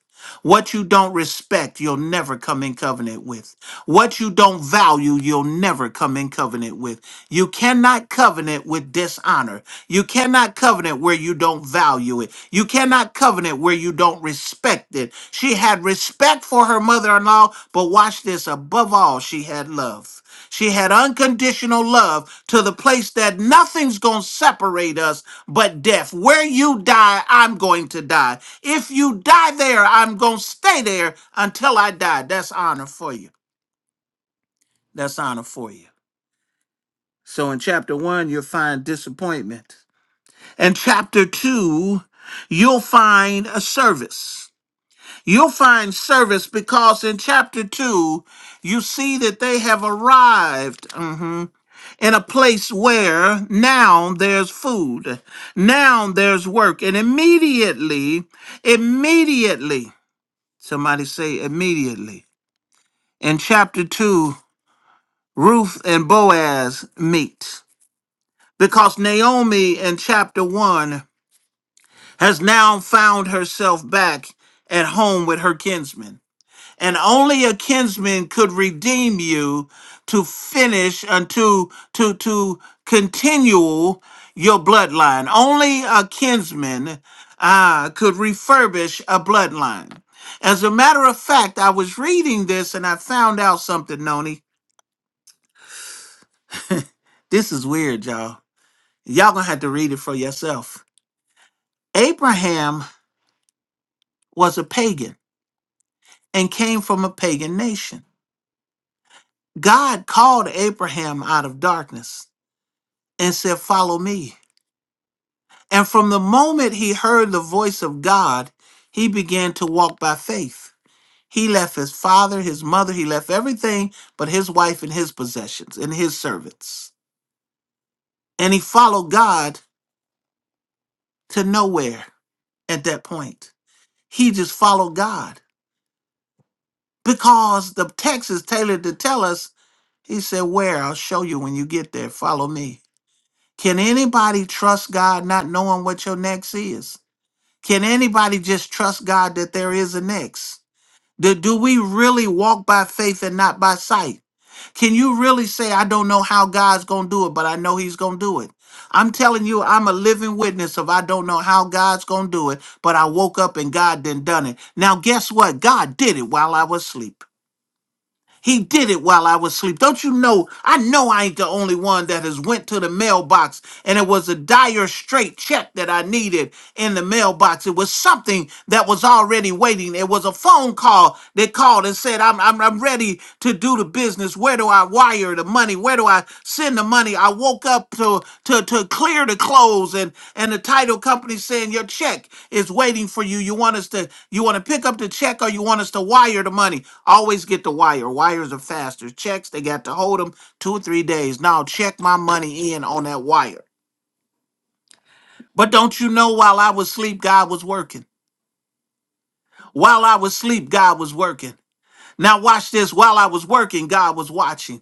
What you don't respect, you'll never come in covenant with. What you don't value, you'll never come in covenant with. You cannot covenant with dishonor. You cannot covenant where you don't value it. You cannot covenant where you don't respect it. She had respect for her mother in law, but watch this above all, she had love. She had unconditional love to the place that nothing's going to separate us but death. Where you die, I'm going to die. If you die there, I'm going to stay there until I die. That's honor for you. That's honor for you. So in chapter one, you'll find disappointment. In chapter two, you'll find a service. You'll find service because in chapter two, you see that they have arrived. Mm-hmm. in a place where now there's food, now there's work. And immediately, immediately, somebody say immediately. In chapter 2, Ruth and Boaz meet because Naomi in chapter 1 has now found herself back at home with her kinsmen. and only a kinsman could redeem you to finish and to to to continue your bloodline only a kinsman uh, could refurbish a bloodline as a matter of fact i was reading this and i found out something noni this is weird y'all y'all gonna have to read it for yourself abraham was a pagan and came from a pagan nation god called abraham out of darkness and said follow me And from the moment he heard the voice of God, he began to walk by faith. He left his father, his mother, he left everything but his wife and his possessions and his servants. And he followed God to nowhere at that point. He just followed God because the text is tailored to tell us, he said, Where? I'll show you when you get there. Follow me. Can anybody trust God not knowing what your next is? Can anybody just trust God that there is a next? Do, do we really walk by faith and not by sight? Can you really say, I don't know how God's going to do it, but I know He's going to do it? I'm telling you, I'm a living witness of I don't know how God's going to do it, but I woke up and God done done it. Now, guess what? God did it while I was asleep. He did it while I was asleep. Don't you know? I know I ain't the only one that has went to the mailbox and it was a dire straight check that I needed in the mailbox. It was something that was already waiting. It was a phone call that called and said, I'm, I'm, I'm ready to do the business where do I wire the money? Where do I send the money? I woke up to to to clear the clothes and and the title company saying your check is waiting for you. You want us to you want to pick up the check or you want us to wire the money? Always get the wire. Wires are faster. Checks they got to hold them two or three days. Now check my money in on that wire. But don't you know while I was asleep, God was working. While I was asleep, God was working. Now watch this. While I was working, God was watching.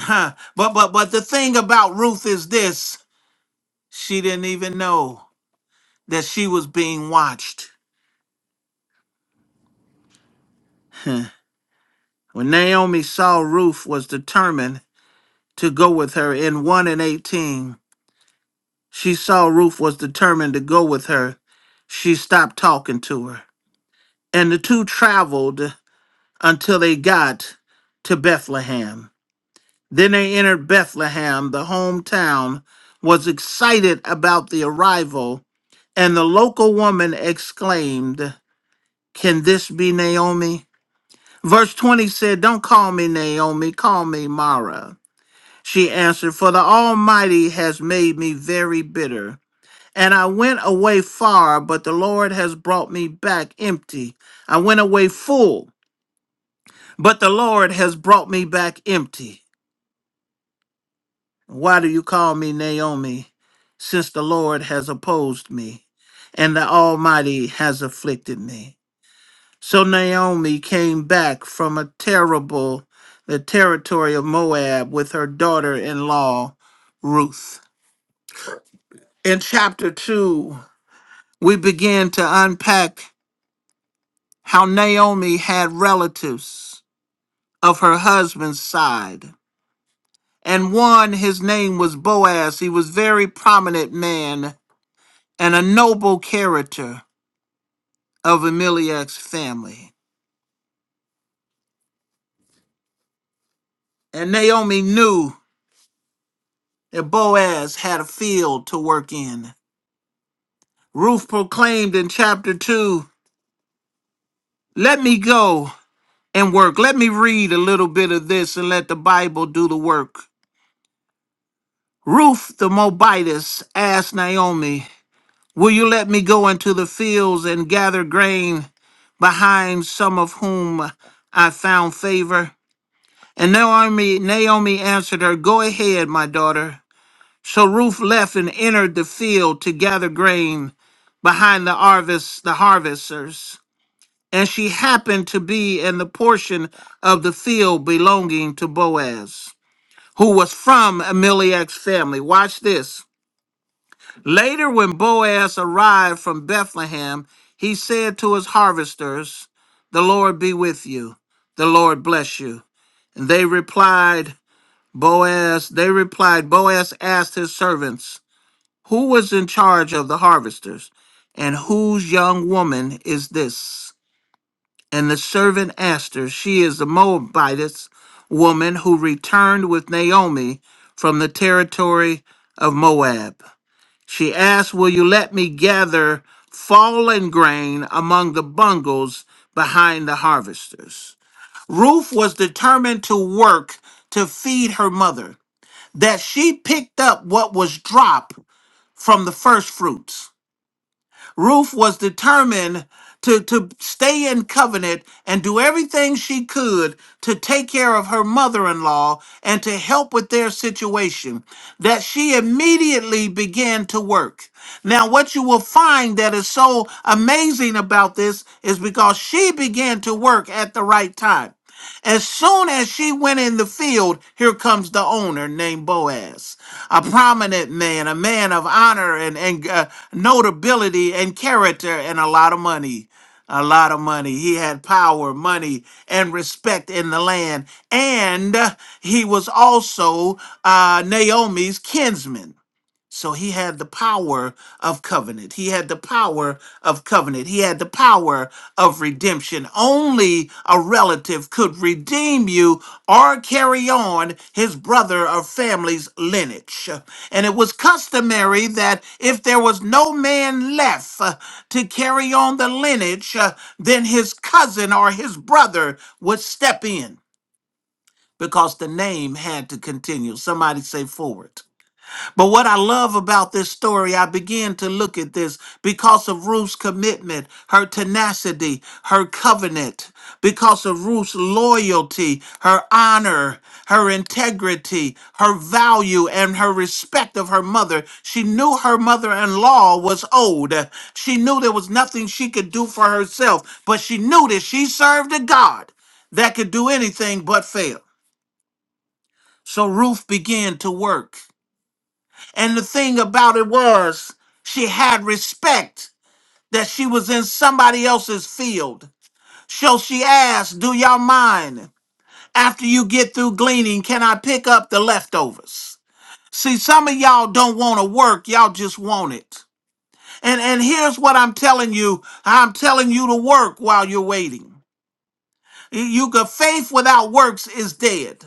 Huh. But but but the thing about Ruth is this: she didn't even know that she was being watched. Huh. When Naomi saw Ruth was determined to go with her in one and eighteen, she saw Ruth was determined to go with her. She stopped talking to her, and the two traveled until they got to Bethlehem. Then they entered Bethlehem, the hometown, was excited about the arrival And the local woman exclaimed, Can this be Naomi? Verse 20 said, Don't call me Naomi, call me Mara. She answered, For the Almighty has made me very bitter. And I went away far, but the Lord has brought me back empty. I went away full, but the Lord has brought me back empty. Why do you call me Naomi, since the Lord has opposed me and the Almighty has afflicted me? So Naomi came back from a terrible, the territory of Moab with her daughter in law, Ruth. In chapter 2, we begin to unpack how Naomi had relatives of her husband's side. And one, his name was Boaz. He was very prominent man and a noble character of Elimelech's family. And Naomi knew that Boaz had a field to work in Ruth proclaimed in chapter 2, Let me go and work. Let me read a little bit of this and let the Bible do the work. Ruth the Moabitess asked Naomi, Will you let me go into the fields and gather grain behind some of whom I found favor? And Naomi, Naomi answered her, Go ahead, my daughter. So Ruth left and entered the field to gather grain behind the harvest, the harvesters. and she happened to be in the portion of the field belonging to Boaz, who was from Elimelech's family. Watch this. Later, when Boaz arrived from Bethlehem, he said to his harvesters, The Lord be with you, the Lord bless you. And they replied, Boaz, they replied, Boaz asked his servants, Who was in charge of the harvesters? And whose young woman is this? And the servant asked her, She is the Moabitess woman who returned with Naomi from the territory of Moab. She asked, Will you let me gather fallen grain among the bungles behind the harvesters? Ruth was determined to work to feed her mother, that she picked up what was dropped from the first fruits. Ruth was determined to, to stay in covenant and do everything she could to take care of her mother in law and to help with their situation, that she immediately began to work. Now, what you will find that is so amazing about this is because she began to work at the right time. As soon as she went in the field, here comes the owner named Boaz, a prominent man, a man of honor and, and uh, notability and character and a lot of money. A lot of money. He had power, money, and respect in the land. And he was also uh, Naomi's kinsman. So he had the power of covenant. He had the power of covenant. He had the power of redemption. Only a relative could redeem you or carry on his brother or family's lineage. And it was customary that if there was no man left uh, to carry on the lineage, uh, then his cousin or his brother would step in because the name had to continue. Somebody say forward but what I love about this story, I began to look at this because of Ruth's commitment, her tenacity, her covenant, because of Ruth's loyalty, her honor, her integrity, her value, and her respect of her mother. She knew her mother in law was old. She knew there was nothing she could do for herself, but she knew that she served a God that could do anything but fail. So Ruth began to work. And the thing about it was, she had respect in somebody else's field. So she asked, Do y'all mind? After you get through gleaning, can I pick up the leftovers? See, some of y'all don't want to work, y'all just want it. And here's what I'm telling you I'm telling you to work while you're waiting. You got faith without works is dead.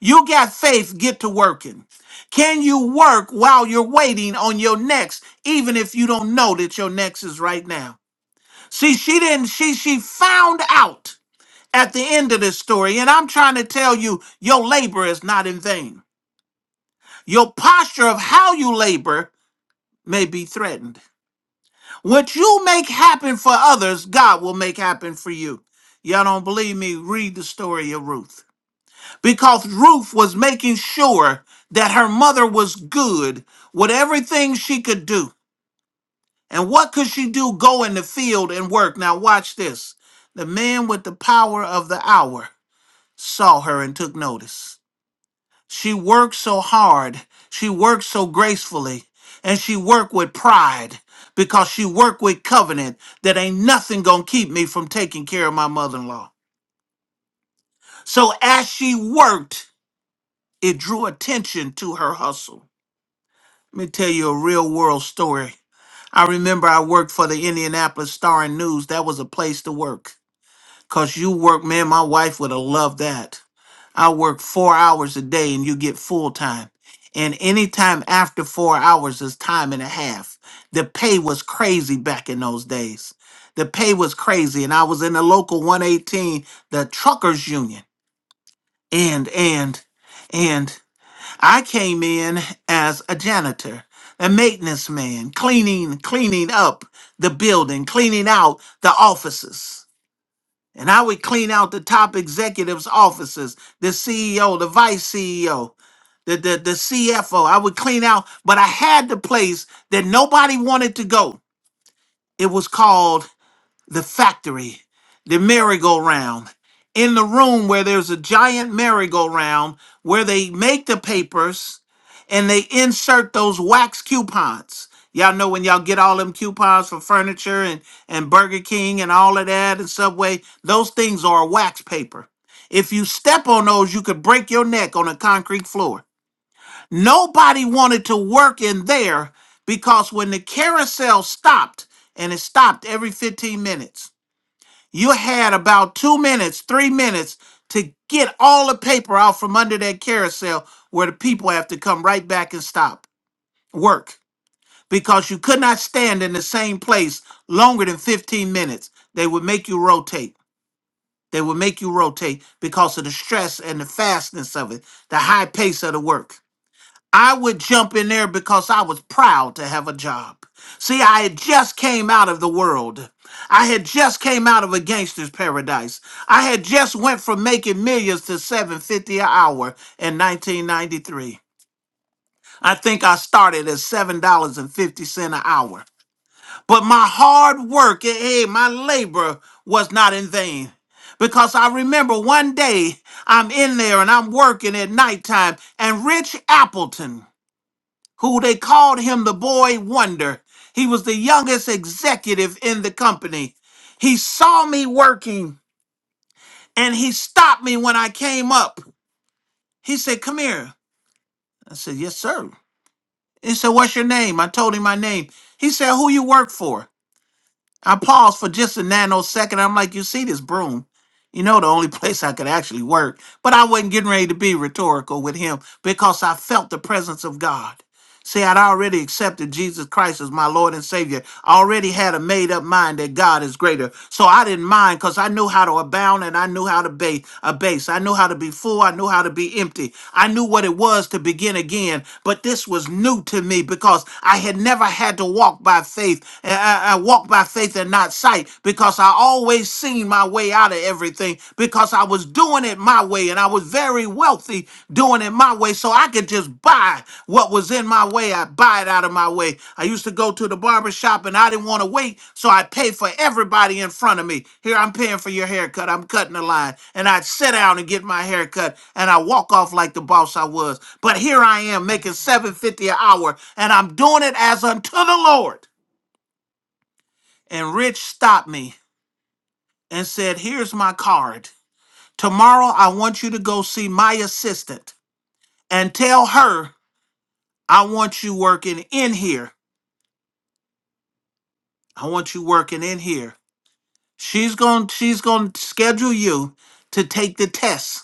You got faith, get to working. Can you work while you're waiting on your next, even if you don't know that your next is right now? See, she didn't, she she found out at the end of this story, and I'm trying to tell you, your labor is not in vain. Your posture of how you labor may be threatened. What you make happen for others, God will make happen for you. Y'all don't believe me? Read the story of Ruth. because Ruth was making sure that her mother was good with everything she could do. And what could she do? Go in the field and work. Now, watch this. The man with the power of the hour saw her and took notice. She worked so hard, she worked so gracefully, and she worked with pride because she worked with covenant that ain't nothing gonna keep me from taking care of my mother in law. So, as she worked, it drew attention to her hustle. Let me tell you a real world story. I remember I worked for the Indianapolis Star and News. That was a place to work. Cause you work, man, my wife would have loved that. I work four hours a day and you get full time. And any time after four hours is time and a half. The pay was crazy back in those days. The pay was crazy. And I was in the local 118, the truckers union. And and and I came in as a janitor, a maintenance man, cleaning, cleaning up the building, cleaning out the offices. And I would clean out the top executives' offices, the CEO, the vice CEO, the, the, the CFO. I would clean out, but I had the place that nobody wanted to go. It was called the factory, the merry-go-round, in the room where there's a giant merry-go-round where they make the papers and they insert those wax coupons. Y'all know when y'all get all them coupons for furniture and, and Burger King and all of that and Subway, those things are wax paper. If you step on those, you could break your neck on a concrete floor. Nobody wanted to work in there because when the carousel stopped, and it stopped every 15 minutes, you had about two minutes, three minutes to get all the paper out from under that carousel where the people have to come right back and stop work because you could not stand in the same place longer than 15 minutes. They would make you rotate. They would make you rotate because of the stress and the fastness of it, the high pace of the work. I would jump in there because I was proud to have a job. See, I had just came out of the world. I had just came out of a gangster's paradise. I had just went from making millions to 750 an hour in 1993. I think I started at $7.50 an hour. But my hard work, hey, my labor was not in vain because I remember one day I'm in there and I'm working at nighttime and Rich Appleton who they called him the boy wonder. He was the youngest executive in the company. He saw me working and he stopped me when I came up. He said, Come here. I said, Yes, sir. He said, What's your name? I told him my name. He said, Who you work for? I paused for just a nanosecond. I'm like, you see this broom? You know, the only place I could actually work. But I wasn't getting ready to be rhetorical with him because I felt the presence of God. See, I'd already accepted Jesus Christ as my Lord and Savior. I already had a made up mind that God is greater. So I didn't mind because I knew how to abound and. I knew how to base, a base. I knew how to be full. I knew how to be empty. I knew what it was to begin again. But this was new to me because I had never had to walk by faith. I, I I walked by faith and not sight because I always seen my way out of everything because I was doing it my way and I was very wealthy doing it my way. So I could just buy what was in my way. I buy it out of my way. I used to go to the barber shop and I didn't want to wait, so I paid for everybody in front of me. Here, I'm paying for your haircut. I'm cutting the line. And I'd sit down and get my haircut and I walk off like the boss I was. But here I am making 750 an hour and I'm doing it as unto the Lord. And Rich stopped me and said, Here's my card. Tomorrow I want you assistant and tell her I want you working in here. I want you working in here. She's going she's going to schedule you to take the test.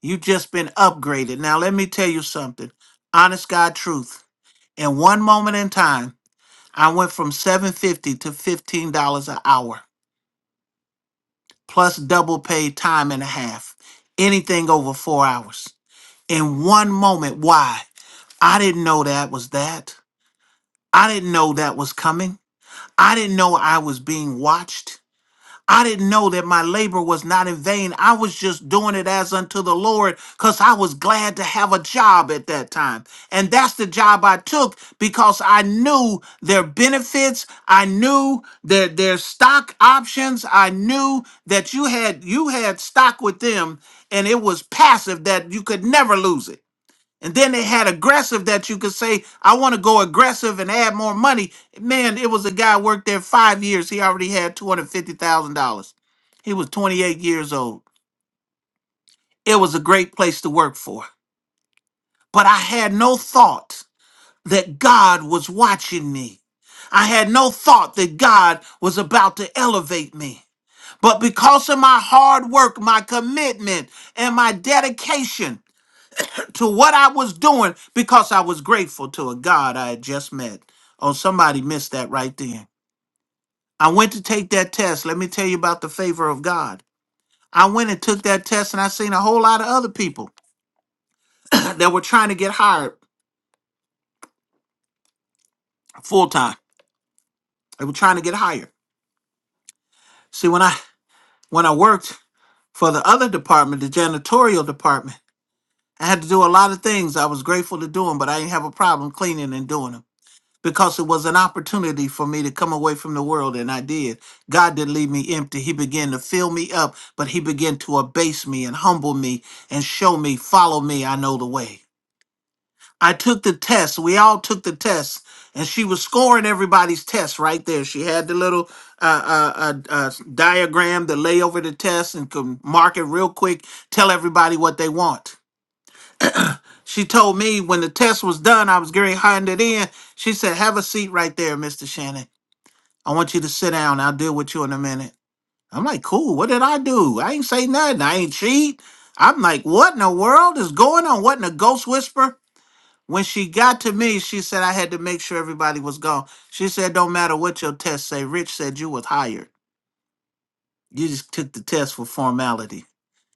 You just been upgraded. Now let me tell you something. Honest God truth. In one moment in time, I went from 750 to $15 an hour plus double paid time and a half. Anything over 4 hours. In one moment. Why? I didn't know that was that. I didn't know that was coming. I didn't know I was being watched. I didn't know that my labor was not in vain. I was just doing it as unto the Lord because I was glad to have a job at that time. And that's the job I took because I knew their benefits. I knew their, their stock options. I knew that you had, you had stock with them and it was passive that you could never lose it. And then they had aggressive that you could say, I want to go aggressive and add more money. Man, it was a guy worked there five years. He already had $250,000. He was 28 years old. It was a great place to work for. But I had no thought that God was watching me. I had no thought that God was about to elevate me. But because of my hard work, my commitment, and my dedication to what I was doing, because I was grateful to a God I had just met. Oh, somebody missed that right then. I went to take that test. Let me tell you about the favor of God. I went and took that test, and I seen a whole lot of other people that were trying to get hired full time. They were trying to get higher. See, when I when I worked for the other department, the janitorial department, I had to do a lot of things I was grateful to doing, but I didn't have a problem cleaning and doing them because it was an opportunity for me to come away from the world, and I did. God didn't leave me empty. He began to fill me up, but He began to abase me and humble me and show me, follow me. I know the way. I took the test. We all took the test, and she was scoring everybody's test right there. She had the little uh, uh, uh, uh, diagram that lay over the test and could mark it real quick, tell everybody what they want. She told me when the test was done, I was getting handed in. She said, "Have a seat right there, Mr. Shannon. I want you to sit down. I'll deal with you in a minute." I'm like, "Cool. What did I do? I ain't say nothing. I ain't cheat." I'm like, "What in the world is going on? What in the ghost whisper?" When she got to me, she said I had to make sure everybody was gone. She said, "Don't matter what your test say. Rich said you was hired. You just took the test for formality.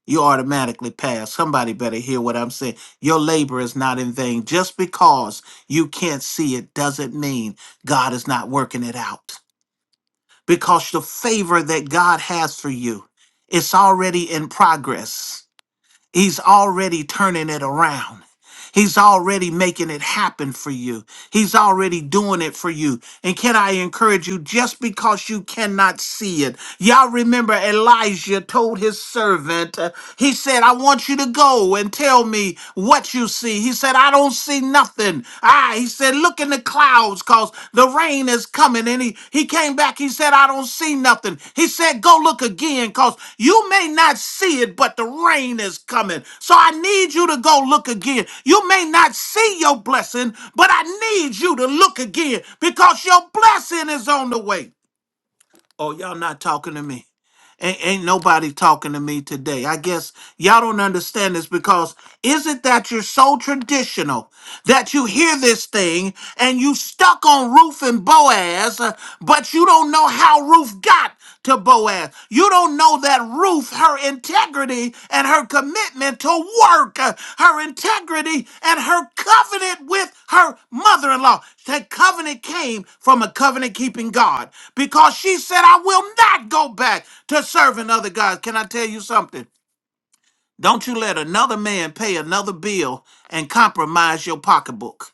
You automatically passed. Somebody better hear what I'm saying. Your labor is not in vain. Just because you can't see it doesn't mean God is not working it out. Because the favor that God has for you, it's already in progress. He's already turning it around. He's already making it happen for you. He's already doing it for you. And can I encourage you, just because you cannot see it, y'all remember Elijah told his servant, uh, he said, I want you to go and tell me what you see. He said, I don't see nothing. Ah, he said, look in the cloud." clouds because the rain is coming. And he, he came back. He said, I don't see nothing. He said, Go look again because you may not see it, but the rain is coming. So I need you to go look again. You may not see your blessing, but I need you to look again because your blessing is on the way. Oh, y'all not talking to me. Ain't, ain't nobody talking to me today. I guess y'all don't understand this because is it that you're so traditional? that you hear this thing and you stuck on Ruth and Boaz, uh, but you don't know how Ruth got to Boaz. You don't know that Ruth, her integrity and her commitment to work, uh, her integrity and her covenant with her mother in law. That covenant came from a covenant keeping God because she said, I will not go back to serving other gods. Can I tell you something? Don't you let another man pay another bill and compromise your pocketbook.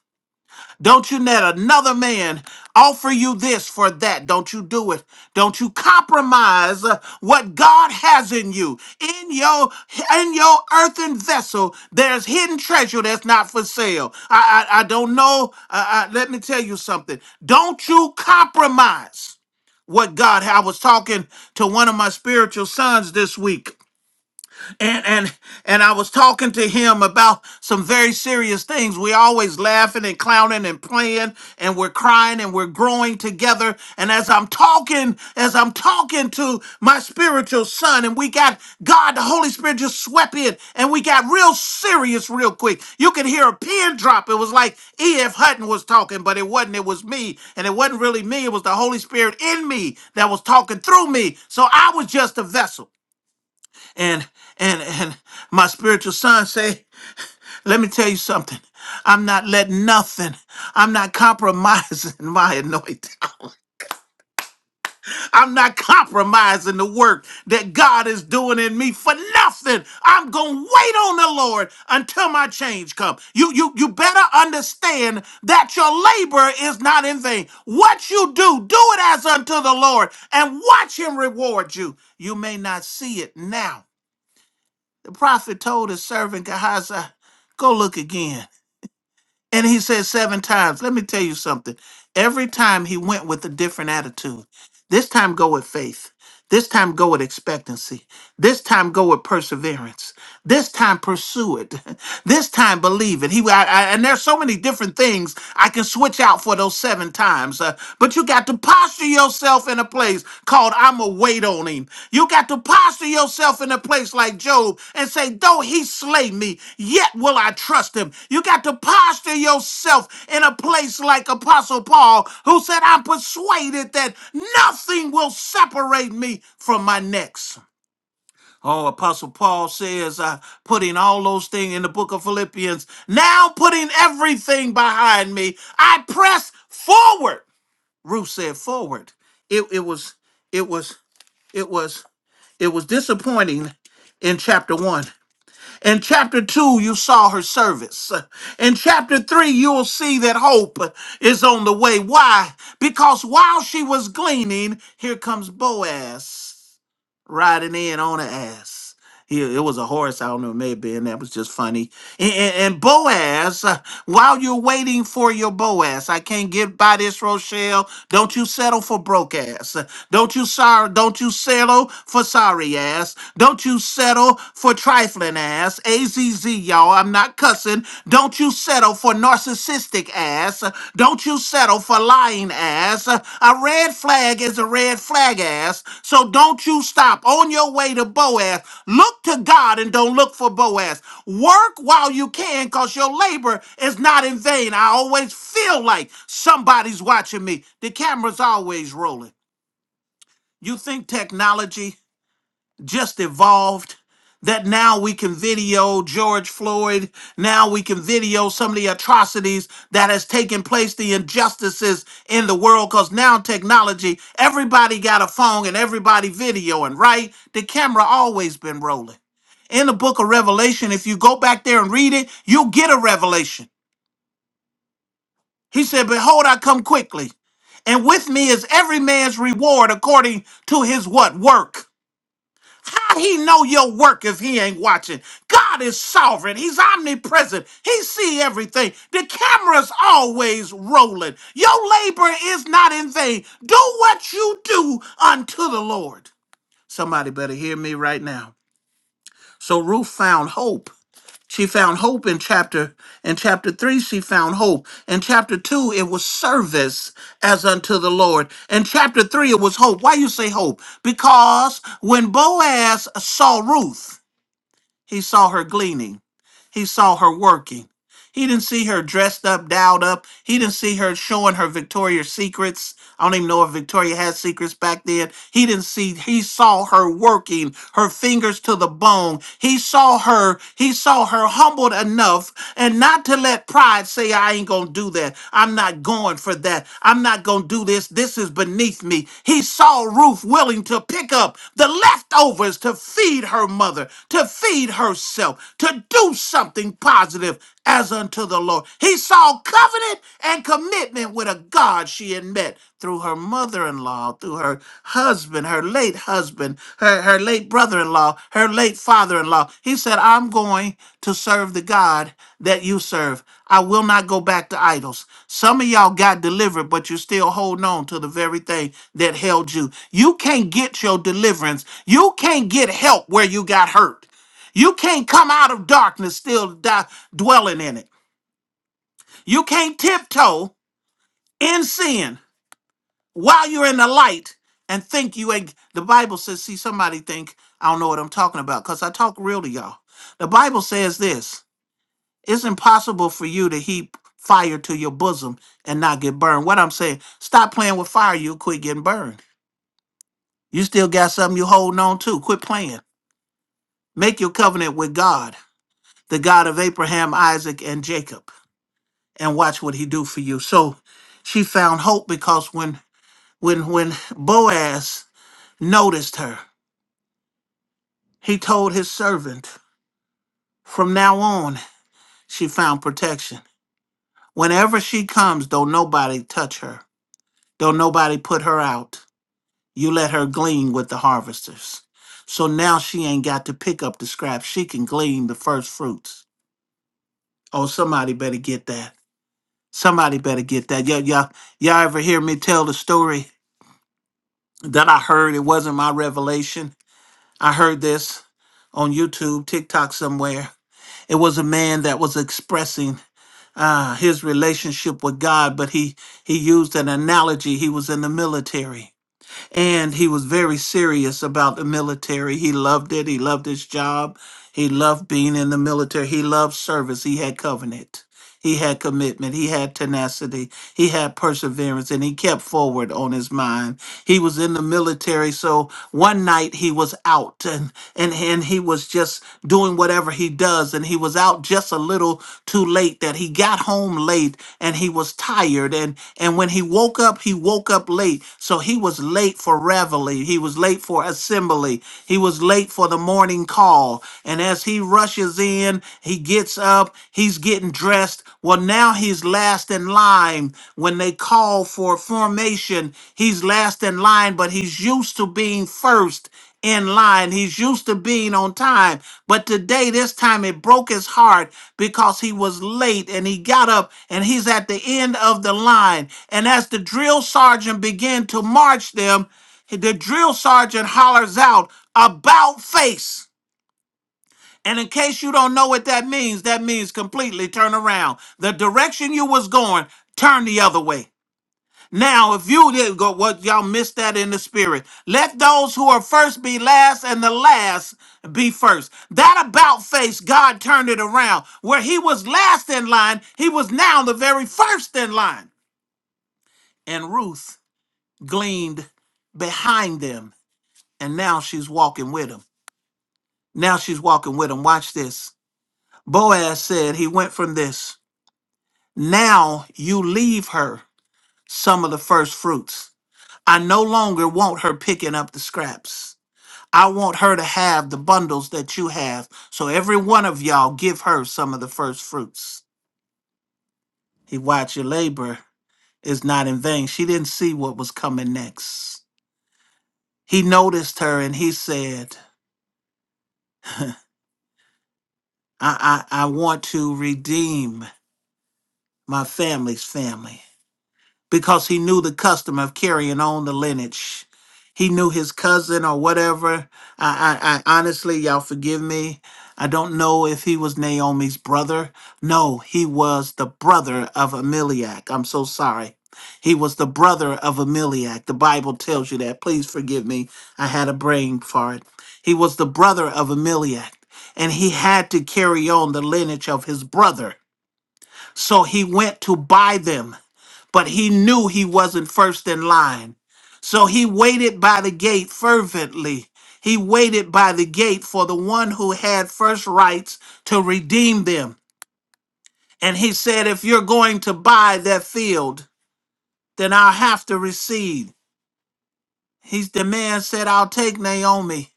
Don't you let another man offer you this for that. Don't you do it. Don't you compromise uh, what God has in you. In your in your earthen vessel, there's hidden treasure that's not for sale. I I, I don't know. I, I, let me tell you something. Don't you compromise what God. I was talking to one of my spiritual sons this week and and and I was talking to him about some very serious things. We always laughing and clowning and playing and we're crying and we're growing together. And as I'm talking, as I'm talking to my spiritual son, and we got God, the Holy Spirit just swept in, and we got real serious real quick. You could hear a pin drop. It was like E.F. Hutton was talking, but it wasn't. It was me, and it wasn't really me. It was the Holy Spirit in me that was talking through me. So I was just a vessel and and and my spiritual son say let me tell you something i'm not letting nothing i'm not compromising my anointing i'm not compromising the work that god is doing in me for nothing i'm gonna wait on the lord until my change comes you you you better understand that your labor is not in vain what you do do it as unto the lord and watch him reward you you may not see it now The prophet told his servant Gehazi, Go look again. And he said seven times. Let me tell you something. Every time he went with a different attitude. This time go with faith. This time go with expectancy. This time go with perseverance. This time pursue it. This time believe it. He I, I, and there's so many different things I can switch out for those seven times. uh, but you got to posture yourself in a place called "I'ma wait on him." You got to posture yourself in a place like Job and say, Though he slay me, yet will I trust him. You got to posture yourself in a place like Apostle Paul, who said, I'm persuaded that nothing will separate me from my next. Oh, Apostle Paul says, uh, putting all those things in the book of Philippians, now putting everything behind me, I press forward. Ruth said, forward. It, it was, it was, it was. It was disappointing in chapter one. In chapter two, you saw her service. In chapter three, you'll see that hope is on the way. Why? Because while she was gleaning, here comes Boaz riding in on the ass. He, it was a horse, I don't know, maybe, and that was just funny. And, and, and Boaz, uh, while you're waiting for your Boaz, I can't get by this, Rochelle. Don't you settle for broke ass. Uh, Don't you sorry, don't you settle for sorry ass. Don't you settle for trifling ass. AZZ, y'all, I'm not cussing. Don't you settle for narcissistic ass. Uh, Don't you settle battle for lying ass. A red flag is a red flag ass. So don't you stop on your way to Boaz. Look to God and don't look for Boaz. Work while you can because your labor is not in vain. I always feel like somebody's watching me. The camera's always rolling. You think technology? just evolved that now we can video George Floyd, now we can video some of the atrocities that has taken place, the injustices in the world cuz now technology, everybody got a phone and everybody videoing, right? The camera always been rolling. In the book of Revelation, if you go back there and read it, you'll get a revelation. He said, "Behold, I come quickly, and with me is every man's reward according to his what? Work." How he know your work if he ain't watching? God is sovereign. He's omnipresent. He see everything. The camera's always rolling. Your labor is not in vain. Do what you do unto the Lord. Somebody better hear me right now. So Ruth found hope. She found hope in chapter in chapter 3 she found hope. In chapter 2 it was service as unto the Lord. In chapter 3 it was hope. Why you say hope? Because when Boaz saw Ruth, he saw her gleaning. He saw her working. He didn't see her dressed up, dialed up. He didn't see her showing her Victoria's Secrets. I don't even know if Victoria had secrets back then. He didn't see, he saw her working, her fingers to the bone. He saw her, he saw her humbled enough and not to let pride say, I ain't gonna do that. I'm not going for that. I'm not gonna do this. This is beneath me. He saw Ruth willing to pick up the leftovers to feed her mother, to feed herself, to do something positive as unto the Lord. He saw covenant and commitment with a God she had met through her mother in law, through her husband, her late husband, her, her late brother in law, her late father in law. He said, I'm going to serve the God that you serve. I will not go back to idols. Some of y'all got delivered, but you're still holding on to the very thing that held you. You can't get your deliverance. You can't get help where you got hurt. You can't come out of darkness still di- dwelling in it. You can't tiptoe in sin while you're in the light and think you ain't. The Bible says, see, somebody think I don't know what I'm talking about because I talk real to y'all. The Bible says this it's impossible for you to heap fire to your bosom and not get burned. What I'm saying, stop playing with fire, you quit getting burned. You still got something you holding on to. Quit playing. Make your covenant with God, the God of Abraham, Isaac, and Jacob. and watch what he do for you. So she found hope because when when when Boaz noticed her, he told his servant, from now on, she found protection. Whenever she comes, don't nobody touch her. Don't nobody put her out. You let her glean with the harvesters. So now she ain't got to pick up the scraps. She can glean the first fruits. Oh, somebody better get that. Somebody better get that. Y'all, y'all, y'all ever hear me tell the story? that I heard. It wasn't my revelation. I heard this on YouTube, TikTok, somewhere. It was a man that was expressing uh, his relationship with God, but he he used an analogy. He was in the military, and he was very serious about the military. He loved it. He loved his job. He loved being in the military. He loved service. He had covenant. He had commitment, he had tenacity, he had perseverance, and he kept forward on his mind. He was in the military, so one night he was out and, and, and he was just doing whatever he does, and he was out just a little too late that he got home late and he was tired. And, and when he woke up, he woke up late. So he was late for reveille, he was late for assembly, he was late for the morning call. And as he rushes in, morning. He gets up, he's getting dressed. Well, now he's last in line. When they call for formation, he's last in line, but he's used to being first in line. He's used to being on time. But today, this time, it broke his heart because he was late and he got up and he's at the end of the line. And as the drill sergeant began to march them, the drill sergeant hollers out, About face. And in case you don't know what that means, that means completely turn around. The direction you was going, turn the other way. Now, if you did go, what y'all missed that in the spirit. Let those who are first be last and the last be first. That about face, God turned it around. Where he was last in line, he was now the very first in line. And Ruth gleaned behind them, and now she's walking with him. Now she's walking with him. Watch this. Boaz said he went from this. Now you leave her some of the first fruits. I no longer want her picking up the scraps. I want her to have the bundles that you have. So every one of y'all give her some of the first fruits. He watched your labor is not in vain. She didn't see what was coming next. He noticed her and he said, I, I, I want to redeem my family's family. because he knew the custom of carrying on the lineage. He knew his cousin or whatever. I, I, I honestly, y'all forgive me. I don't know if he was Naomi's brother. No, he was the brother of Ameliak. I'm so sorry. He was the brother of Ameliak. The Bible tells you that. Please forgive me. I had a brain fart. He was the brother of Ameliak, and he had to carry on the lineage of his brother. So he went to buy them but he knew he wasn't first in line. So he waited by the gate fervently. He waited by the gate for the one who had first rights to redeem them. And he said, If you're going to buy that field, then I'll have to recede. He's the man said, I'll take Naomi.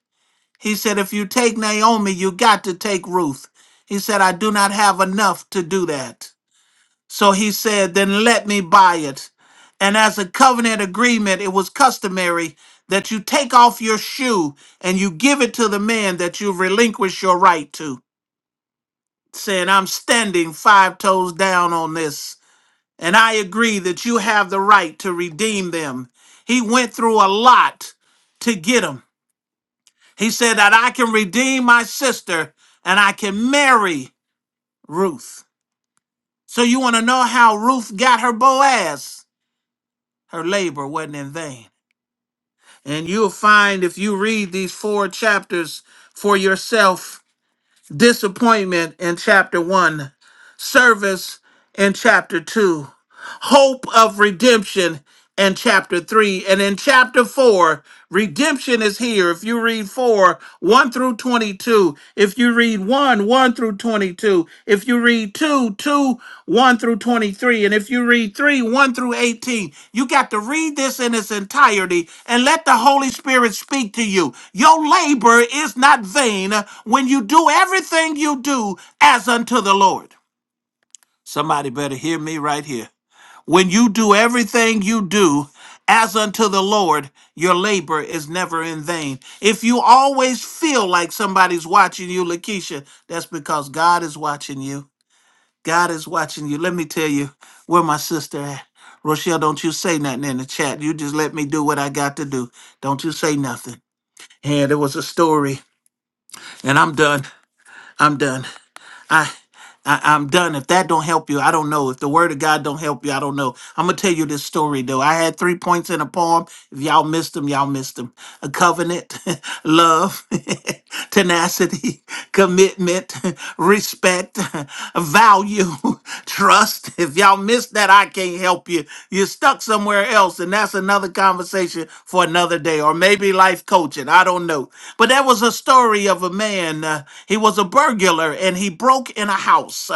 He said, If you take Naomi, you got to take Ruth. He said, I do not have enough to do that. So he said, Then let me buy it. And as a covenant agreement, it was customary that you take off your shoe and you give it to the man that you relinquish your right to, saying, I'm standing five toes down on this, and I agree that you have the right to redeem them. He went through a lot to get him. He said that I can redeem my sister and I can marry Ruth. So you want to know how Ruth got her Boaz? Her labor wasn't in vain. And you'll find if you read these four chapters for yourself disappointment in chapter one, service in chapter two hope of redemption in chapter 3 and in chapter 4 redemption is here if you read 4 1 through 22 if you read 1 1 through 22 if you read two two one through 23 and if you read 3 1 through 18 you got to read this in its entirety and let the holy spirit speak to you your labor is not vain when you do everything you do as unto the lord somebody better hear me right here when you do everything you do as unto the Lord, your labor is never in vain. If you always feel like somebody's watching you, Lakeisha, that's because God is watching you. God is watching you. Let me tell you where my sister at. Rochelle, don't you say nothing in the chat. You just let me do what I got to do. Don't you say nothing. And it was a story. And I'm done. I'm done. I, I I'm done. If that don't help you, I don't know. If the word of God don't help you, I don't know. I'm gonna tell you this story though. I had three points in a poem. If y'all missed them, y'all missed them. A covenant, love, tenacity, commitment, respect, value, trust. If y'all missed that, I can't help you. You're stuck somewhere else, and that's another conversation for another day, or maybe life coaching. I don't know. But that was a story of a man. uh, he was a burglar and he broke in a house.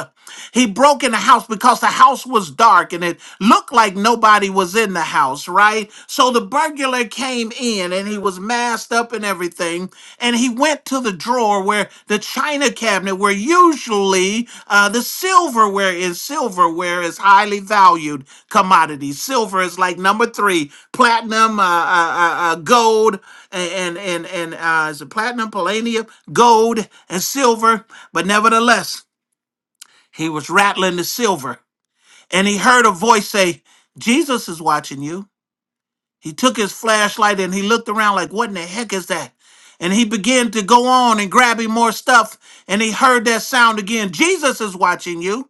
He broke in a house because the house was dark and it looked like nobody was in the house, right? So the burglar came in and he was masked up and everything. And he went to the drawer where the china cabinet, where usually uh, the silverware is, silverware is highly valued commodity. Silver is like number three, platinum, uh, uh, uh, uh, gold, and and and uh, is it platinum, palladium, gold, and silver. But nevertheless, he was rattling the silver, and he heard a voice say, "Jesus is watching you." He took his flashlight and he looked around like, "What in the heck is that?" And he began to go on and grabbing more stuff, and he heard that sound again. Jesus is watching you,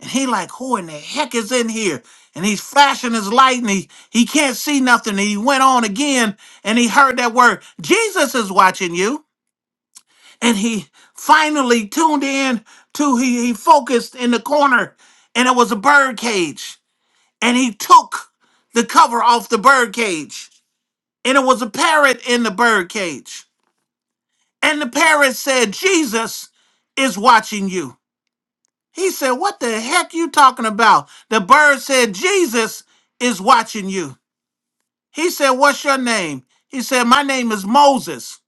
and he like, "Who in the heck is in here?" And he's flashing his light, and he he can't see nothing. And he went on again, and he heard that word, "Jesus is watching you." and he finally tuned in to he, he focused in the corner and it was a bird cage and he took the cover off the bird cage and it was a parrot in the bird cage and the parrot said jesus is watching you he said what the heck you talking about the bird said jesus is watching you he said what's your name he said my name is moses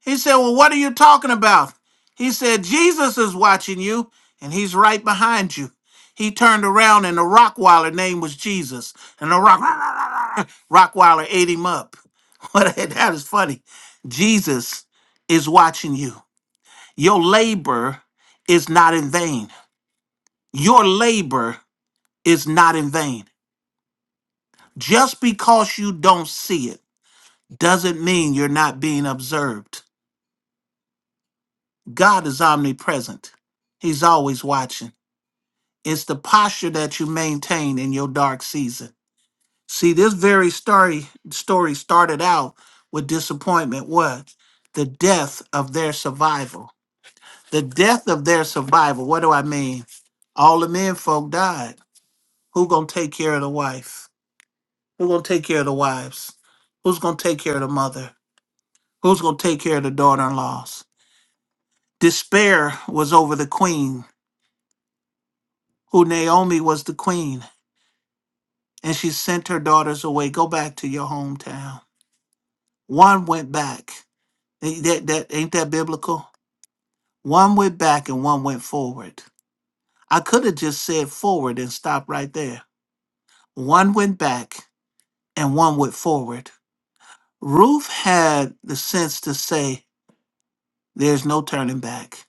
He said, Well, what are you talking about? He said, Jesus is watching you, and he's right behind you. He turned around, and the Rockwiler name was Jesus. And the Rock, Rockwiler ate him up. What- that is funny. Jesus is watching you. Your labor is not in vain. Your labor is not in vain. Just because you don't see it doesn't mean you're not being observed. God is omnipresent, He's always watching. It's the posture that you maintain in your dark season. See, this very story story started out with disappointment. What? The death of their survival. The death of their survival. What do I mean? All the men folk died. Who gonna take care of the wife? Who gonna take care of the wives? Who's gonna take care of the mother? Who's gonna take care of the daughter-in-laws? Despair was over the queen, who Naomi was the queen. and she sent her daughters away. Go back to your hometown. One went back. Ain't that, that ain't that biblical? One went back and one went forward. I could have just said forward and stopped right there. One went back and one went forward. Ruth had the sense to say, There's no turning back.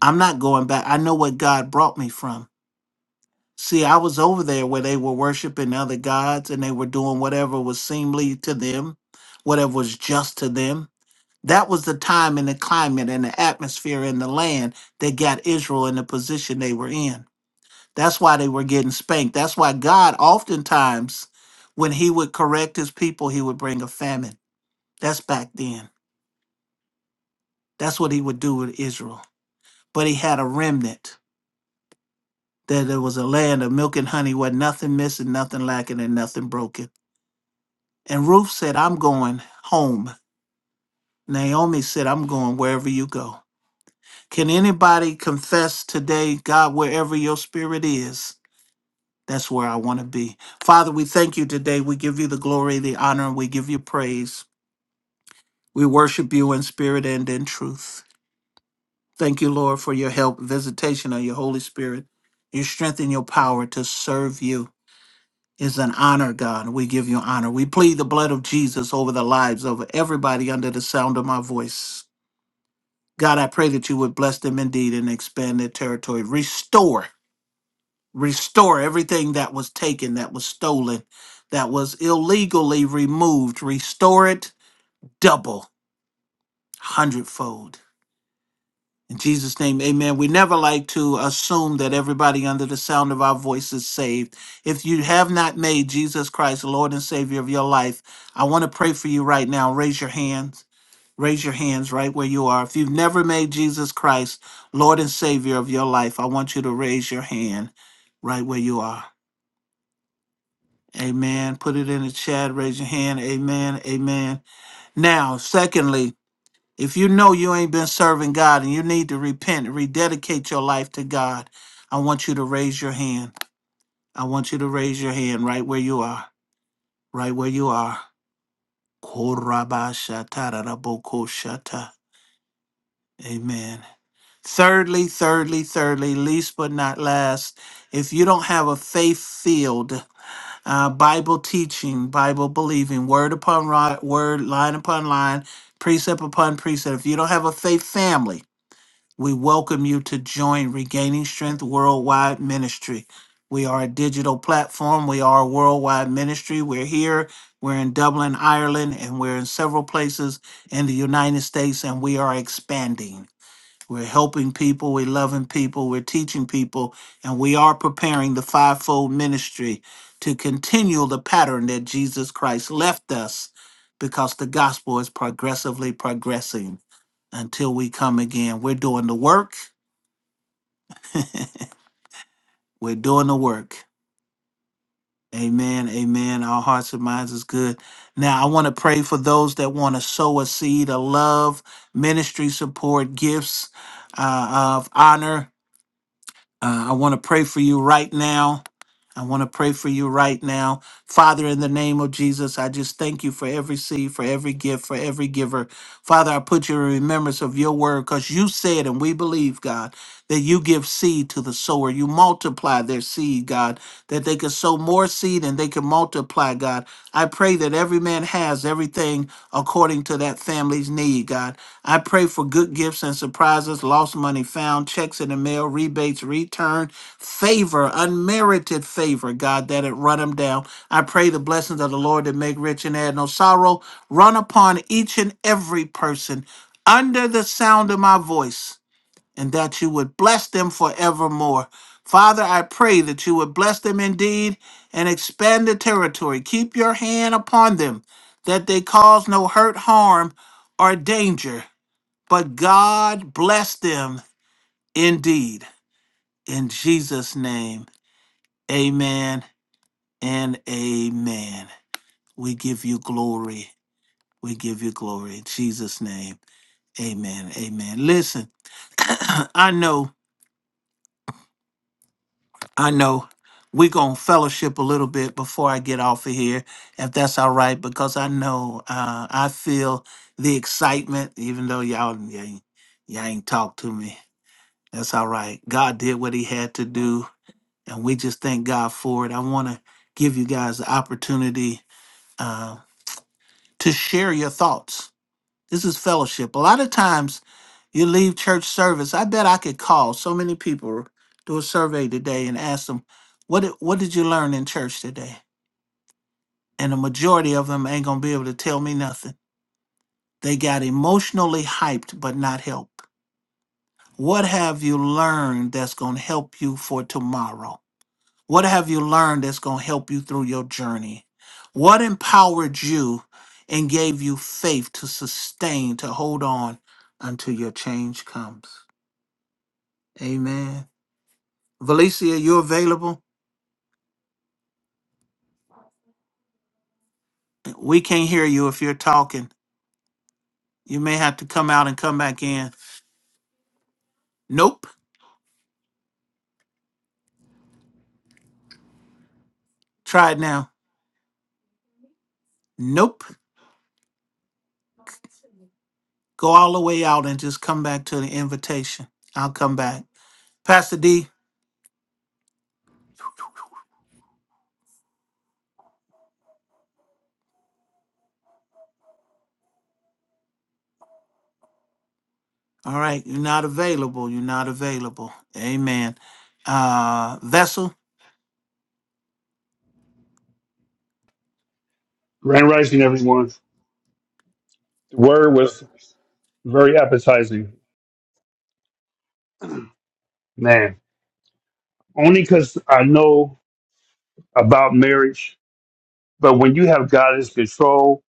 I'm not going back. I know what God brought me from. See, I was over there where they were worshiping other gods and they were doing whatever was seemly to them, whatever was just to them That was the time and the climate and the atmosphere and the land that got Israel in the position they were in. That's why they were getting spanked. That's why God oftentimes, when he would correct his people, he would bring a famine. That's back then. That's what he would do with Israel. But he had a remnant that there was a land of milk and honey where nothing missing, nothing lacking, and nothing broken. And Ruth said, I'm going home. Naomi said, I'm going wherever you go. Can anybody confess today, God, wherever your spirit is, that's where I want to be. Father, we thank you today. We give you the glory, the honor, and we give you praise. We worship you in spirit and in truth. Thank you, Lord, for your help, visitation of your Holy Spirit, your strength and your power to serve you. Is an honor, God. We give you honor. We plead the blood of Jesus over the lives of everybody under the sound of my voice. God, I pray that you would bless them indeed and expand their territory. Restore restore everything that was taken, that was stolen, that was illegally removed. Restore it double, hundredfold. In Jesus' name, amen. We never like to assume that everybody under the sound of our voice is saved. If you have not made Jesus Christ the Lord and Savior of your life, I want to pray for you right now. Raise your hands. Raise your hands right where you are. If you've never made Jesus Christ Lord and Savior of your life, I want you to raise your hand right where you are. Amen. Put it in the chat. Raise your hand. Amen. Amen. Now, secondly, if you know you ain't been serving God and you need to repent, rededicate your life to God, I want you to raise your hand. I want you to raise your hand right where you are. Right where you are. Korabashatarabokosata. Amen. Thirdly, thirdly, thirdly, least but not last, if you don't have a faith field uh, Bible teaching, Bible believing, word upon ri- word, line upon line, precept upon precept. If you don't have a faith family, we welcome you to join Regaining Strength Worldwide Ministry. We are a digital platform. We are a worldwide ministry. We're here. We're in Dublin, Ireland, and we're in several places in the United States, and we are expanding. We're helping people, we're loving people, we're teaching people, and we are preparing the fivefold ministry to continue the pattern that Jesus Christ left us because the gospel is progressively progressing until we come again. We're doing the work. we're doing the work. Amen. Amen. Our hearts and minds is good. Now, I want to pray for those that want to sow a seed of love, ministry support, gifts uh, of honor Uh, I want to pray for you right now. I want to pray for you right now. Father, in the name of Jesus, I just thank you for every seed, for every gift, for every giver. Father, I put you in remembrance of your word because you said, and we believe, God, that you give seed to the sower. You multiply their seed, God, that they can sow more seed and they can multiply, God. I pray that every man has everything according to that family's need need, God. I pray for good gifts and surprises, lost money found, checks in the mail, rebates returned, favor, unmerited favor, God, that it run them down. I pray the blessings of the Lord that make rich and add no sorrow run upon each and every person under the sound of my voice and that you would bless them forevermore. Father, I pray that you would bless them indeed and expand the territory. Keep your hand upon them, that they cause no hurt, harm, or danger. But God bless them indeed. In Jesus' name, amen and amen. We give you glory. We give you glory. In Jesus' name, amen. Amen. Listen, I know I know we're going to fellowship a little bit before I get off of here, if that's all right, because I know uh, I feel the excitement, even though y'all, y'all, ain't- y'all ain't talk to me. That's all right. God did what he had to do, and we just thank God for it. I want to give you guys the opportunity uh, to share your thoughts this is fellowship. A lot of times you leave church service. I bet I could call so many people, do a survey today and ask them, what did, what did you learn in church today? And the majority of them ain't going to be able to tell me nothing. They got emotionally hyped, but not helped. What have you learned that's going to help you for tomorrow? What have you learned that's going to help you through your journey? What empowered you and gave you faith to sustain, to hold on until your change comes? Amen. Valicia, you available? We can't hear you if you're talking. You may have to come out and come back in. Nope. Try it now. Nope. Go all the way out and just come back to the invitation. I'll come back. Pastor D, all right, you're not available. You're not available. Amen. Uh, Vessel, Grand Rising, everyone. The word was very appetizing, man. Only because I know about marriage, but when you have God as control,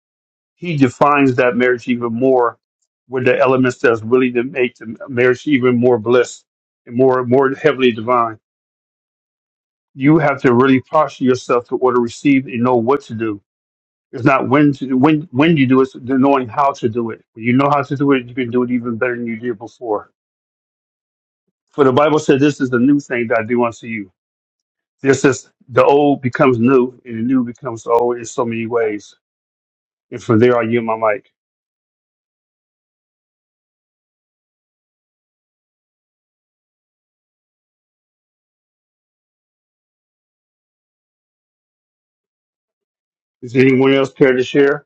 He defines that marriage even more with the elements that's really to make the marriage even more bliss and more more heavily divine. You have to really posture yourself to order, receive, and know what to do. It's not when to, when when you do it, it's knowing how to do it. When you know how to do it, you can do it even better than you did before. For the Bible said, This is the new thing that I do unto you. This is the old becomes new, and the new becomes old in so many ways. And from there, I yield my mic. Does anyone else care to share?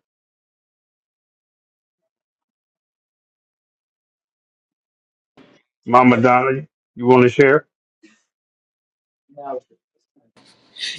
Mama Donna, you want to share?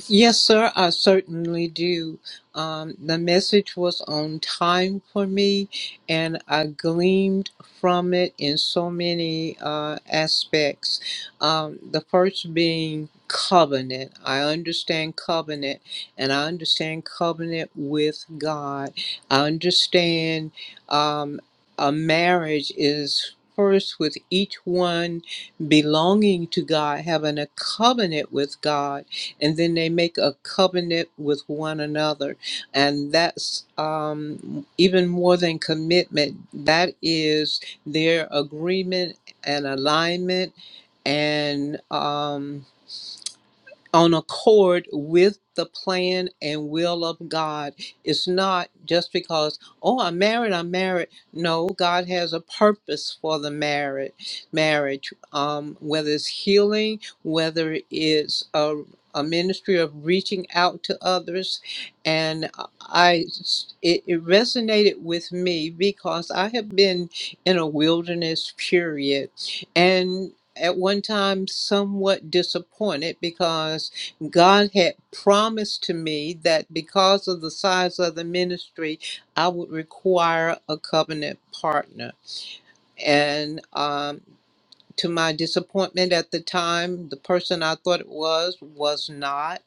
Yes, sir, I certainly do. Um, the message was on time for me, and I gleamed from it in so many uh, aspects. Um, the first being covenant. I understand covenant, and I understand covenant with God. I understand um, a marriage is. First, with each one belonging to God, having a covenant with God, and then they make a covenant with one another and that's um, even more than commitment that is their agreement and alignment and um, on accord with the plan and will of God. It's not just because, oh, I'm married, I'm married. No, God has a purpose for the marriage, marriage, um, whether it's healing, whether it's a, a ministry of reaching out to others. And I, it, it resonated with me because I have been in a wilderness period. And at one time somewhat disappointed because God had promised to me that because of the size of the ministry, I would require a covenant partner. And um, to my disappointment at the time, the person I thought it was was not.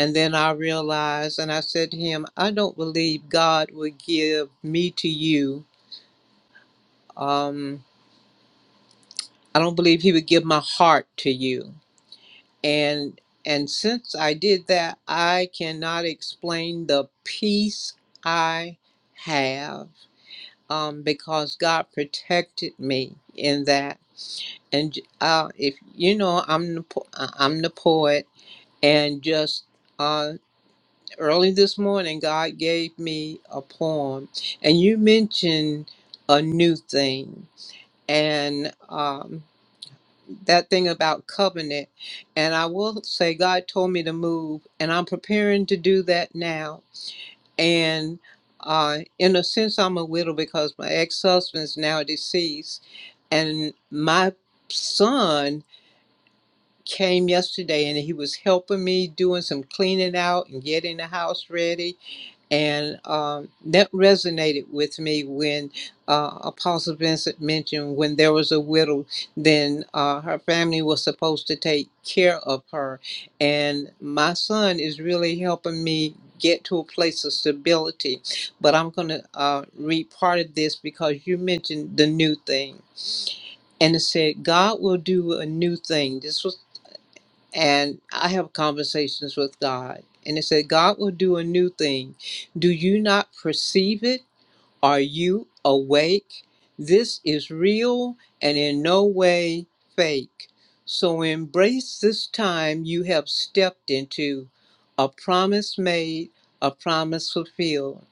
And then I realized, and I said to him, I don't believe God would give me to you. Um, I don't believe He would give my heart to you and and since i did that i cannot explain the peace i have um because god protected me in that and uh if you know i'm the po- uh, i'm the poet and just uh early this morning god gave me a poem and you mentioned a new thing and um, that thing about covenant. And I will say, God told me to move, and I'm preparing to do that now. And uh, in a sense, I'm a widow because my ex husband is now deceased. And my son came yesterday and he was helping me doing some cleaning out and getting the house ready and um, that resonated with me when uh, Apostle Vincent mentioned when there was a widow, then uh, her family was supposed to take care of her. And my son is really helping me get to a place of stability. But I'm going to uh, read part of this because you mentioned the new thing. And it said, God will do a new thing. This was and I have conversations with God. And it said, God will do a new thing. Do you not perceive it? Are you awake? This is real and in no way fake. So embrace this time you have stepped into a promise made, a promise fulfilled.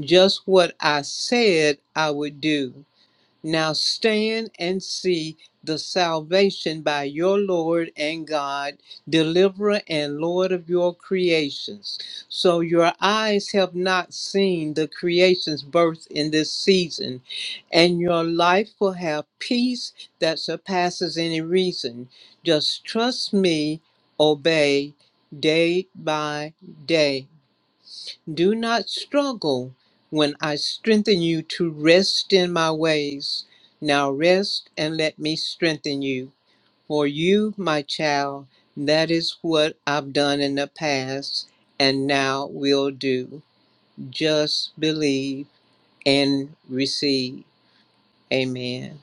Just what I said I would do. Now stand and see the salvation by your Lord and God, deliverer and Lord of your creations. So your eyes have not seen the creation's birth in this season, and your life will have peace that surpasses any reason. Just trust me, obey day by day do not struggle when I strengthen you to rest in my ways. Now rest and let me strengthen you. For you, my child, that is what I've done in the past and now will do. Just believe and receive. Amen.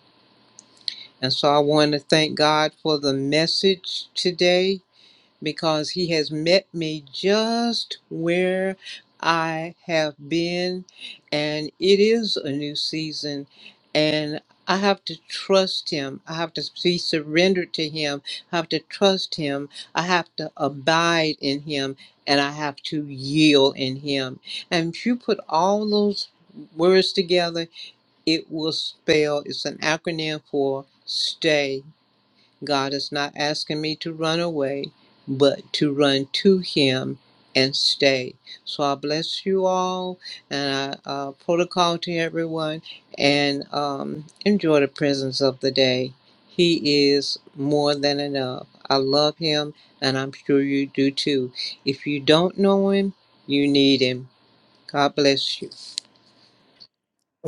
And so I want to thank God for the message today because he has met me just where I have been. And it is a new season. And I have to trust him. I have to be surrendered to him. I have to trust him. I have to abide in him. And I have to yield in him. And if you put all those words together, it will spell, it's an acronym for stay. God is not asking me to run away, but to run to Him and stay. So I bless you all and I uh, protocol to everyone and um, enjoy the presence of the day. He is more than enough. I love Him and I'm sure you do too. If you don't know Him, you need Him. God bless you.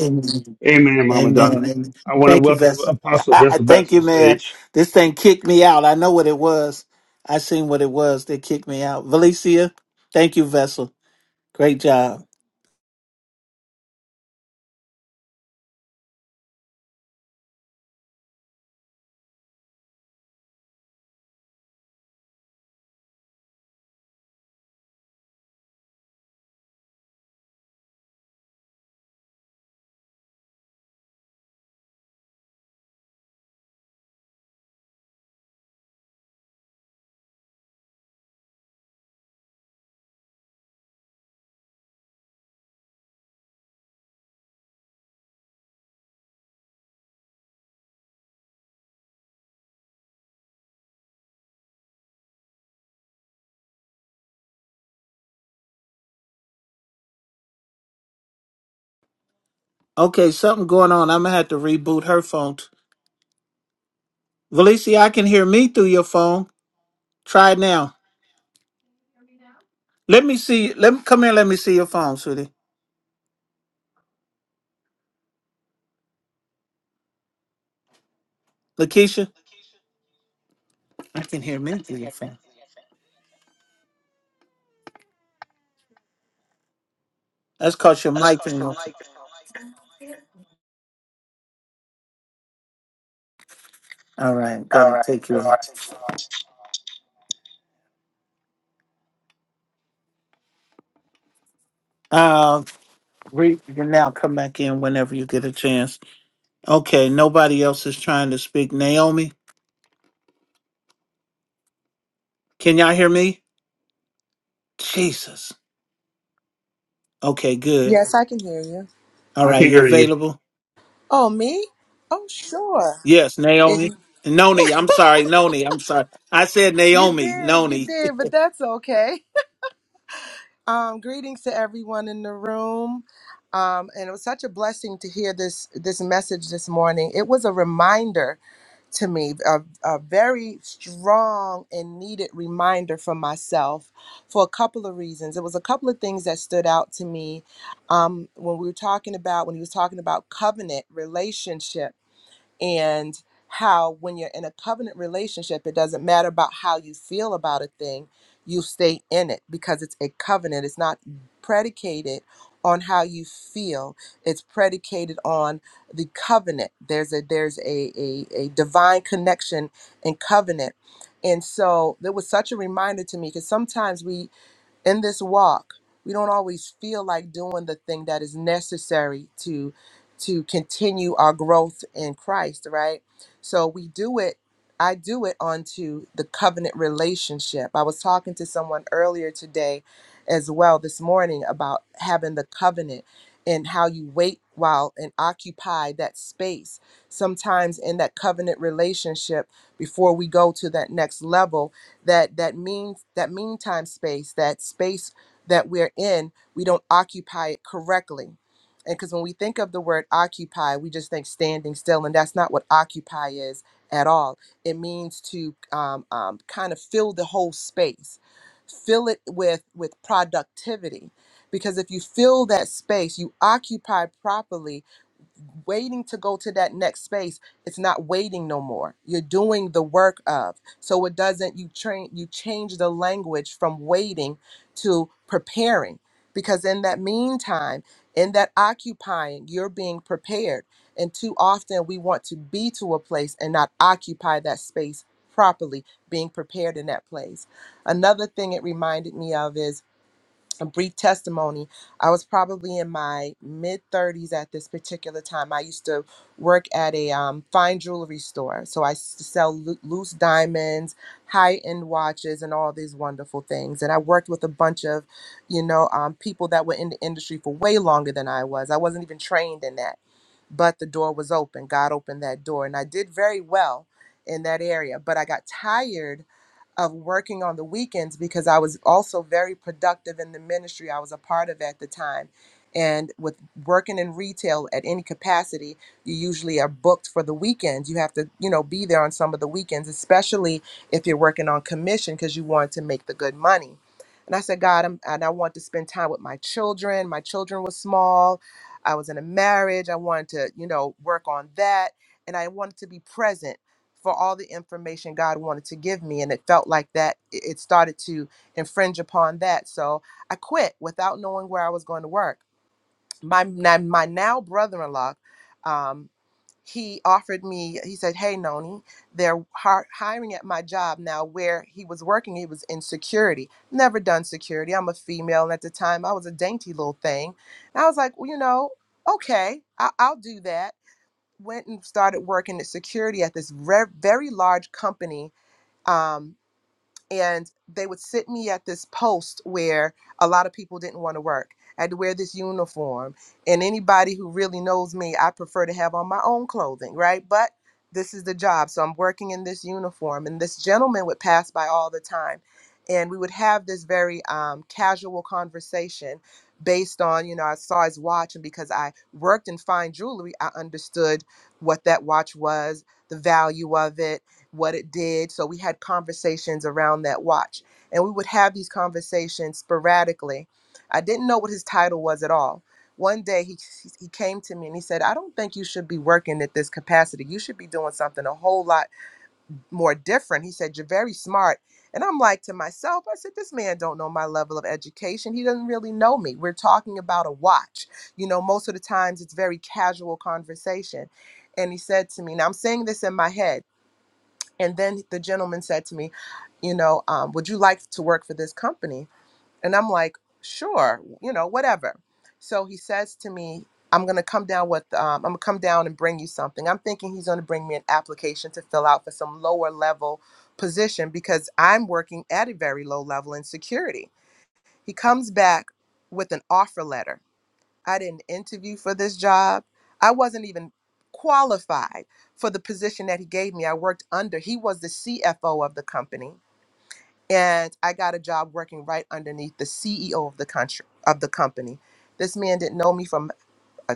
Amen. Amen, Mama Amen. Donna. Amen. I want to Thank you, welcome Vesta. Apostle Vincent back Thank to you, the man. stage. This thing kicked me out. I know what it was. I seen what it was. They kicked me out. Valicia, thank you, Vessel. Great job. Okay, something going on. I'm gonna have to reboot her phone. t- Valicia, I can hear me through your phone. Try it now. Let me see. Let me come here. Let me see your phone, sweetie. Lakeisha, I can hear me through your phone. That's cause your mic. being All right, right. Gotta Take you your. Re- you can now come back in whenever you get a chance. Okay, nobody else is trying to speak. Naomi, can y'all hear me? Jesus. Okay, good. Yes, I can hear you. All I right, can you hear you. available? Oh, me? Oh, sure. Yes, If Naomi. Noni, I'm sorry, Noni, I'm sorry. I said you Naomi, did, you Noni. did, but that's okay. Um, greetings to everyone in the room. Um, and it was such a blessing to hear this this message this morning. It was a reminder to me, a, a very strong and needed reminder for myself for a couple of reasons. It was a couple of things that stood out to me um, when we were talking about when he was talking about covenant relationship and how when you're in a covenant relationship it doesn't matter about how you feel about a thing you stay in it because it's a covenant it's not predicated on how you feel it's predicated on the covenant there's a there's a a, a divine connection and covenant and so there was such a reminder to me because sometimes we in this walk we don't always feel like doing the thing that is necessary to to continue our growth in christ right so we do it i do it onto the covenant relationship i was talking to someone earlier today as well this morning about having the covenant and how you wait while and occupy that space sometimes in that covenant relationship before we go to that next level that that means that meantime space that space that we're in we don't occupy it correctly and because when we think of the word occupy we just think standing still and that's not what occupy is at all it means to um, um, kind of fill the whole space fill it with with productivity because if you fill that space you occupy properly waiting to go to that next space it's not waiting no more you're doing the work of so it doesn't you train you change the language from waiting to preparing because in that meantime in that occupying you're being prepared and too often we want to be to a place and not occupy that space properly being prepared in that place another thing it reminded me of is a brief testimony. I was probably in my mid 30s at this particular time. I used to work at a um, fine jewelry store. So I used to sell loo- loose diamonds, high end watches, and all these wonderful things. And I worked with a bunch of, you know, um, people that were in the industry for way longer than I was. I wasn't even trained in that but the door was open. God opened that door, and I did very well in that area. But I got tired of working on the weekends because I was also very productive in the ministry I was a part of at the time. And with working in retail at any capacity, you usually are booked for the weekends. You have to, you know, be there on some of the weekends, especially if you're working on commission because you want to make the good money. And I said, God, I'm, and I want to spend time with my children. My children were small I was in a marriage. I wanted to, you know, work on that. And I wanted to be present for all the information God wanted to give me. And it felt like that it it started to infringe upon that. So I quit without knowing where I was going to work. My, my now brother in law, he offered me he said hey noni they're hi- hiring at my job now where he was working he was in security never done security i'm a female and at the time i was a dainty little thing and i was like well, you know okay I- i'll do that went and started working at security at this re- very large company Um and they would sit me at this post where a lot of people didn't want to work. I had to wear this uniform. And anybody who really knows me, I prefer to have on my own clothing, right? But this is the job. So I'm working in this uniform. And this gentleman would pass by all the time. And we would have this very um, casual conversation based on, you know, I saw his watch. And because I worked in fine jewelry, I understood what that watch was, the value of it what it did. So we had conversations around that watch. And we would have these conversations sporadically. I didn't know what his title was at all. One day he, he came to me and he said, I don't think you should be working at this capacity. You should be doing something a whole lot more different. He said, You're very smart. And I'm like to myself, I said, This man don't know my level of education. He doesn't really know me. We're talking about a watch. You know, most of the times it's very casual conversation. And he said to me, Now I'm saying this in my head. And then the gentleman said to me, you know, um, would you like to work for this company? And I'm like, sure, you know, whatever. So he says to me, I'm gonna come down with, um, I'm gonna come down and bring you something. I'm thinking he's gonna bring me an application to fill out for some lower level position because I'm working at a very low level in security. He comes back with an offer letter I didn't interview for this job. I wasn't even qualified for the position that he gave me. I worked under, he was the CFO of the company. And I got a job working right underneath the CEO of the country of the company. This man didn't know me from a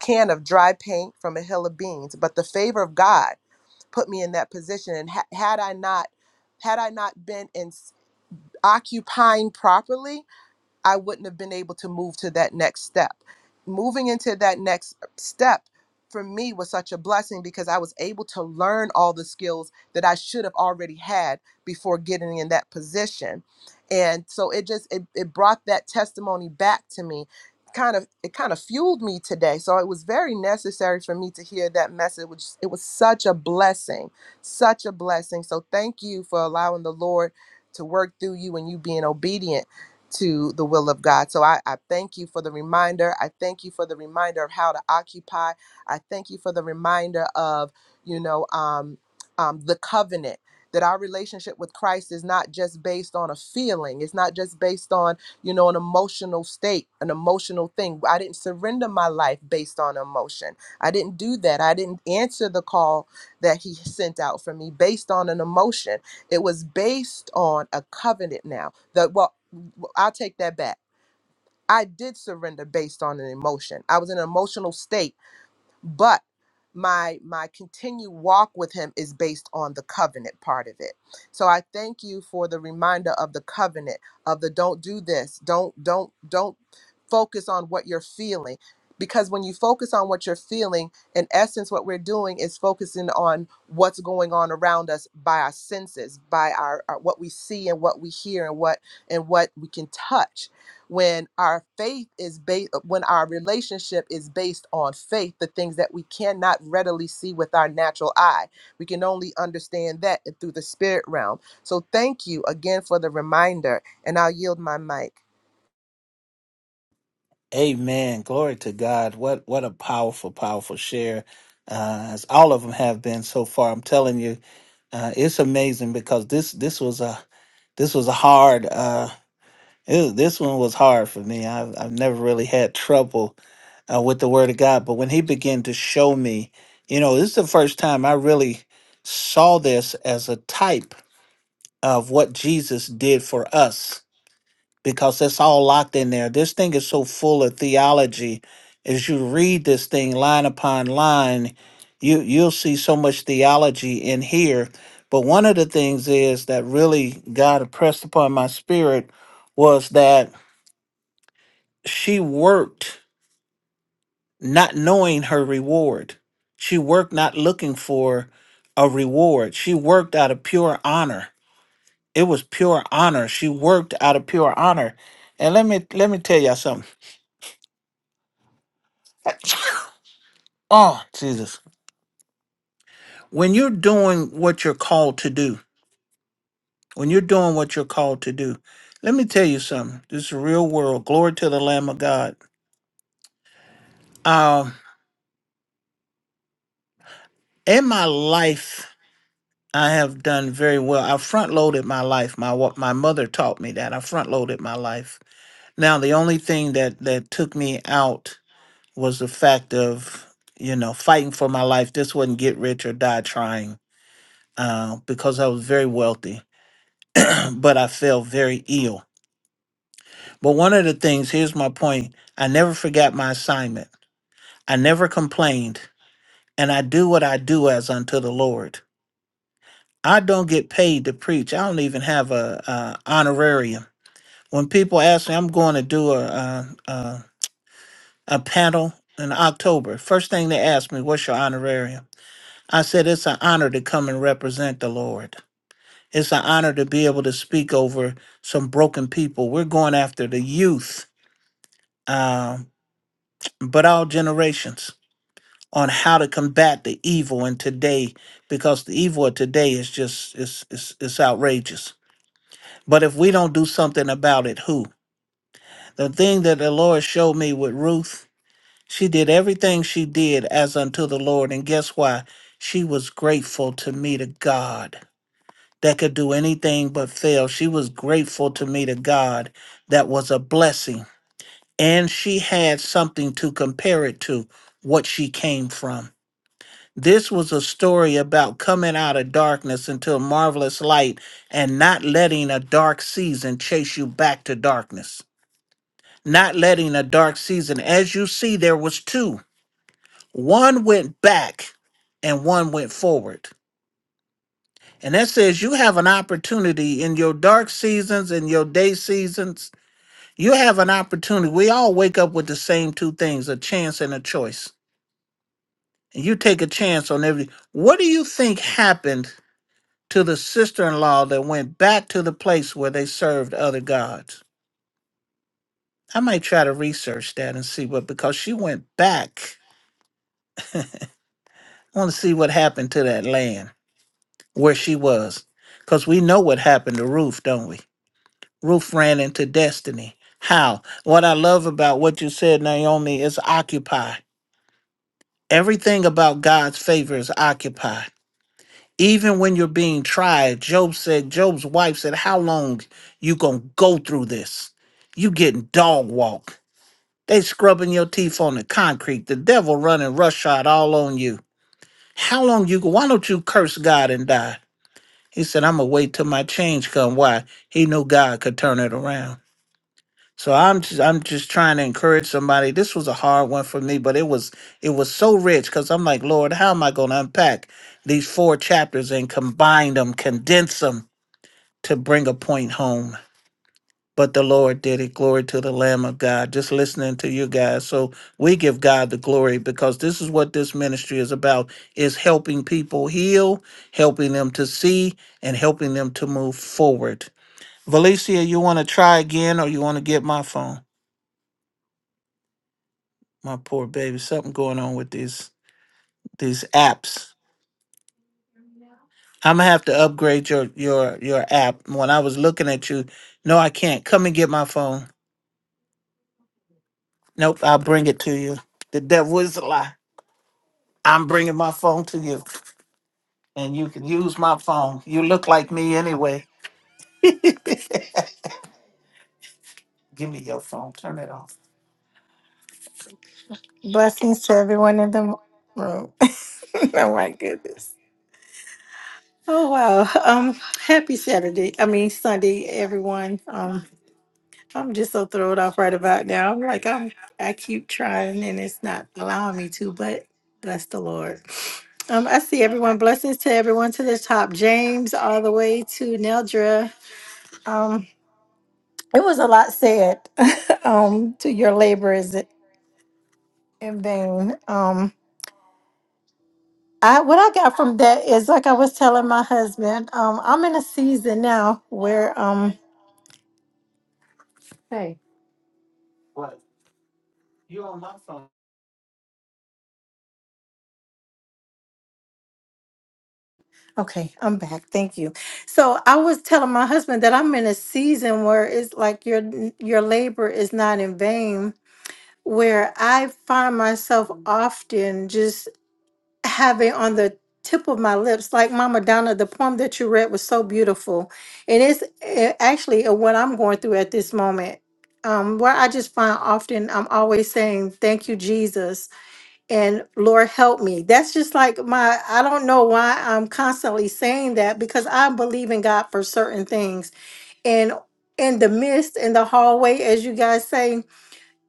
can of dry paint from a hill of beans, but the favor of God put me in that position. And ha- had I not, had I not been in occupying properly, I wouldn't have been able to move to that next step. Moving into that next step for me was such a blessing because I was able to learn all the skills that I should have already had before getting in that position. And so it just it, it brought that testimony back to me. Kind of it kind of fueled me today. So it was very necessary for me to hear that message. Which it was such a blessing, such a blessing. So thank you for allowing the Lord to work through you and you being obedient to the will of God. So I, I thank you for the reminder. I thank you for the reminder of how to occupy. I thank you for the reminder of, you know, um, um, the covenant. That our relationship with Christ is not just based on a feeling. It's not just based on, you know, an emotional state, an emotional thing. I didn't surrender my life based on emotion. I didn't do that. I didn't answer the call that He sent out for me based on an emotion. It was based on a covenant now. That well. Well, I'll take that back. I did surrender based on an emotion. I was in an emotional state, but my my continued walk with him is based on the covenant part of it. So I thank you for the reminder of the covenant of the don't do this, don't don't don't focus on what you're feeling because when you focus on what you're feeling, in essence what we're doing is focusing on what's going on around us by our senses, by our, our what we see and what we hear and what and what we can touch when our faith is based when our relationship is based on faith the things that we cannot readily see with our natural eye we can only understand that through the spirit realm so thank you again for the reminder and i'll yield my mic Amen. Glory to God. What what a powerful, powerful share. Uh, as all of them have been so far. I'm telling you, uh, it's amazing because this this was a this was a hard. Uh, Ew, this one was hard for me. I've, I've never really had trouble uh, with the Word of God. But when he began to show me, you know, this is the first time I really saw this as a type of what Jesus did for us because that's all locked in there. This thing is so full of theology. As you read this thing line upon line, you you'll see so much theology in here. But one of the things is that really God impressed upon my spirit was that she worked not knowing her reward. She worked not looking for a reward. She worked out of pure honor. It was pure honor. She worked out of pure honor. And let me let me tell y'all something. oh, Jesus. When you're doing what you're called to do, when you're doing what you're called to do, let me tell you something. This is real world. Glory to the Lamb of God. Um, in my life, I have done very well. I front loaded my life. My wa- my mother taught me that. I front loaded my life. Now the only thing that that took me out was the fact of you know fighting for my life. This wasn't get rich or die trying uh, because I was very wealthy, but I felt very ill. But one of the things here's my point. I never forgot my assignment. I never complained, and I do what I do as unto the Lord. I don't get paid to preach. I don't even have a, a honorarium. when people ask me, I'm going to do a a, a, a panel in October. First thing they ask me, "What's your honorarium?" I said, "It's an honor to come and represent the Lord. It's an honor to be able to speak over some broken people. We're going after the youth, um, but all generations." on how to combat the evil in today because the evil of today is just it's, it's, it's outrageous but if we don't do something about it who the thing that the lord showed me with ruth She did everything she did as unto the Lord. And guess why? She was grateful to meet a God that could do anything but fail. She was grateful to meet a God that was a blessing. And she had something to compare it to, what she came from. This was a story about coming out of darkness into a marvelous light and not letting a dark season chase you back to darkness. Not letting a dark season, as you see, there was two. One went back and one went forward. And that says you have an opportunity in your dark seasons, in your day seasons. You have an opportunity. We all wake up with the same two things a chance and a choice. And you take a chance on every. What do you think happened to the sister in law that went back to the place where they served other gods? I might try to research that and see what, because she went back. I want to see what happened to that land. where she was. Because we know what happened to Ruth, don't we? Ruth ran into destiny. How? What I love about what you said, Naomi, is occupy. Everything about God's favor is occupy. Even when you're being tried, Job said, Job's wife said, How long you gonna go through this? You getting dog walk. They scrubbing your teeth on the concrete. The devil running roughshod all on you. How long you go? Why don't you curse God and die? He said, "I'm gonna wait till my change come." Why? He knew God could turn it around. So I'm just, I'm just trying to encourage somebody. This was a hard one for me, but it was it was so rich because I'm like, Lord, how am I going to unpack these four chapters and combine them, condense them to bring a point home? but the Lord did it. Glory to the Lamb of God. Just listening to you guys. So we give God the glory because this is what this ministry is about is helping people heal, helping them to see, and helping them to move forward. Valicia, you want to try again or you want to get my phone? My poor baby, something going on with these these apps. I'm gonna have to upgrade your your your app. When I was looking at you, no, I can't. Come and get my phone. Nope, I'll bring it to you. The devil is a lie. I'm bringing my phone to you, and you can use my phone. You look like me anyway. Give me your phone. Turn it off. Blessings to everyone in the room. oh my goodness. Oh wow. Um happy Saturday. I mean Sunday, everyone. Um I'm just so thrilled off right about now. I'm like I'm I keep trying and it's not allowing me to, but bless the Lord. Um, I see everyone. Blessings to everyone to the top. James all the way to Neldra. Um, It was a lot said um, to your labor is it in vain. Um, I what I got from that is like I was telling my husband, um, I'm in a season now where um hey. Okay, I'm back. Thank you. So I was telling my husband that I'm in a season where it's like your your labor is not in vain, where I find myself often have it on the tip of my lips like mama donna the poem that you read was so beautiful and it's eh, actually uh, what i'm going through at this moment um, where i just find often i'm always saying thank you jesus and lord help me that's just like my i don't know why i'm constantly saying that because i believe in god for certain things and in the mist, in the hallway as you guys say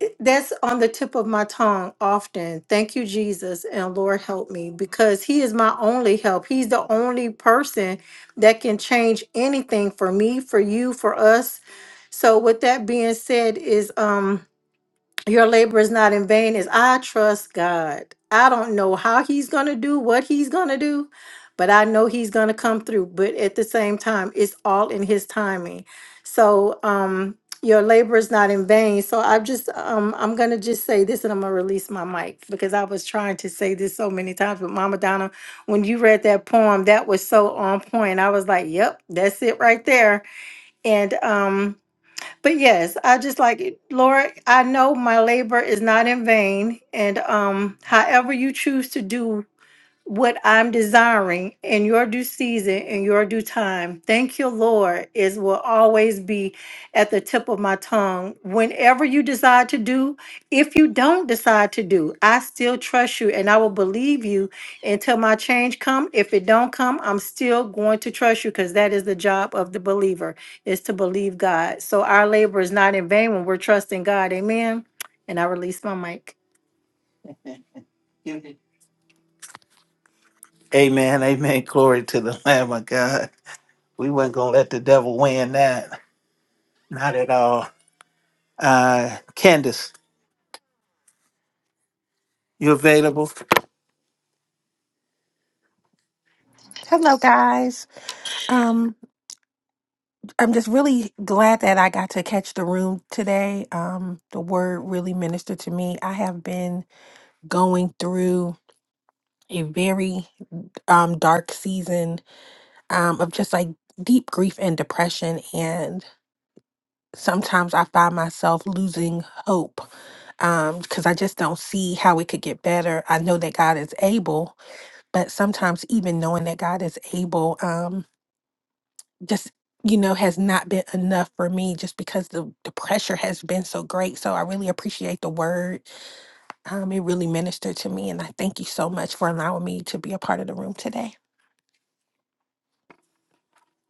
it- that's on the tip of my tongue often. Thank you, Jesus, and Lord help me, because He is my only help. He's the only person that can change anything for me, for you, for us. So, with that being said, is um your labor is not in vain is I trust God. I don't know how he's going to do what he's going to do, but I know he's going to come through. But at the same time, it's all in his timing. So, um your labor is not in vain. So I just um I'm going to just say this and I'm going to release my mic because I was trying to say this so many times but Mama Donna when you read that poem that was so on point. I was like, "Yep, that's it right there." And um but yes, I just like it. Lord, I know my labor is not in vain. And um, however you choose to do what I'm desiring in your due season, in your due time. Thank you, Lord, is will always be at the tip of my tongue. Whenever you decide to do, if you don't decide to do, I still trust you and I will believe you until my change come. If it don't come, I'm still going to trust you because that is the job of the believer is to believe God. So our labor is not in vain when we're trusting God. Amen. And I release my mic. Amen. Amen. Glory to the Lamb of God. We weren't gonna let the devil win that. Not at all. Uh Candace, you available? Hello, guys. Um, I'm just really glad that I got to catch the room today. Um, the word really ministered to me. I have been going through a very um, dark season um, of just like deep grief and depression. And sometimes I find myself losing hope because I just don't see how it could get better. I know that God is able, but sometimes even knowing that God is able. um, just you know has not been enough for me just because the, the pressure has been so great so i really appreciate the word um, it really ministered to me and i thank you so much for allowing me to be a part of the room today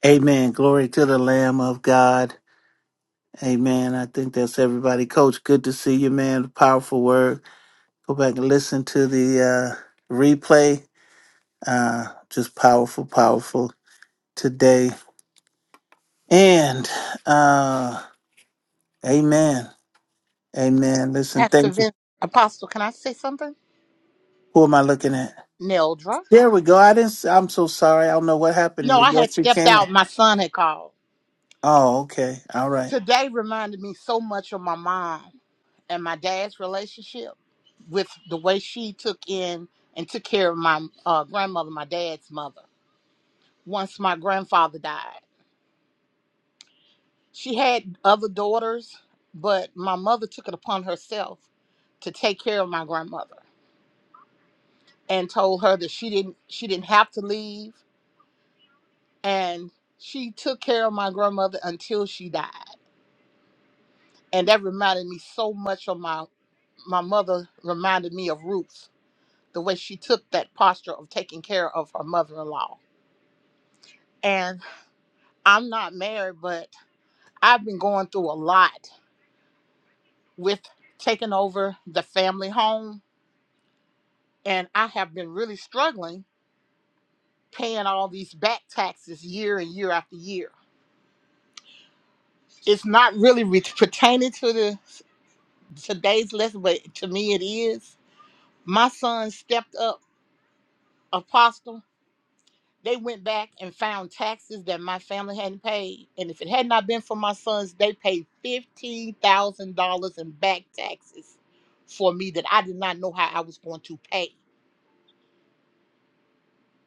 Amen. Glory to the Lamb of God. Amen. I think that's everybody. Coach, good to see you, man. Powerful word. Go back and listen to the uh replay. Uh just powerful, powerful today. And uh Amen. Amen. Listen, Pastor thank you. Vince, Apostle, can I say something? Who am I looking at? Neldra? There we go. I didn't. I'm so sorry. I don't know what happened No, here. I had Yes, you stepped can. out. My son had called. Oh, okay. All right. Today reminded me so much of my mom and my dad's relationship with the way she took in and took care of my uh, grandmother, my dad's mother. Once my grandfather died, she had other daughters, but my mother took it upon herself to take care of my grandmother and told her that she didn't she didn't have to leave and she took care of my grandmother until she died. And that reminded me so much of my my mother reminded me of Ruth, the way she took that posture of taking care of her mother-in-law. And I'm not married, but I've been going through a lot with taking over the family home and I have been really struggling paying all these back taxes year and year after year. It's not really re- pertaining to the today's lesson, but to me it is my son stepped up apostle they went back and found taxes that my family hadn't paid and if it had not been for my sons they paid $15000 in back taxes for me that i did not know how i was going to pay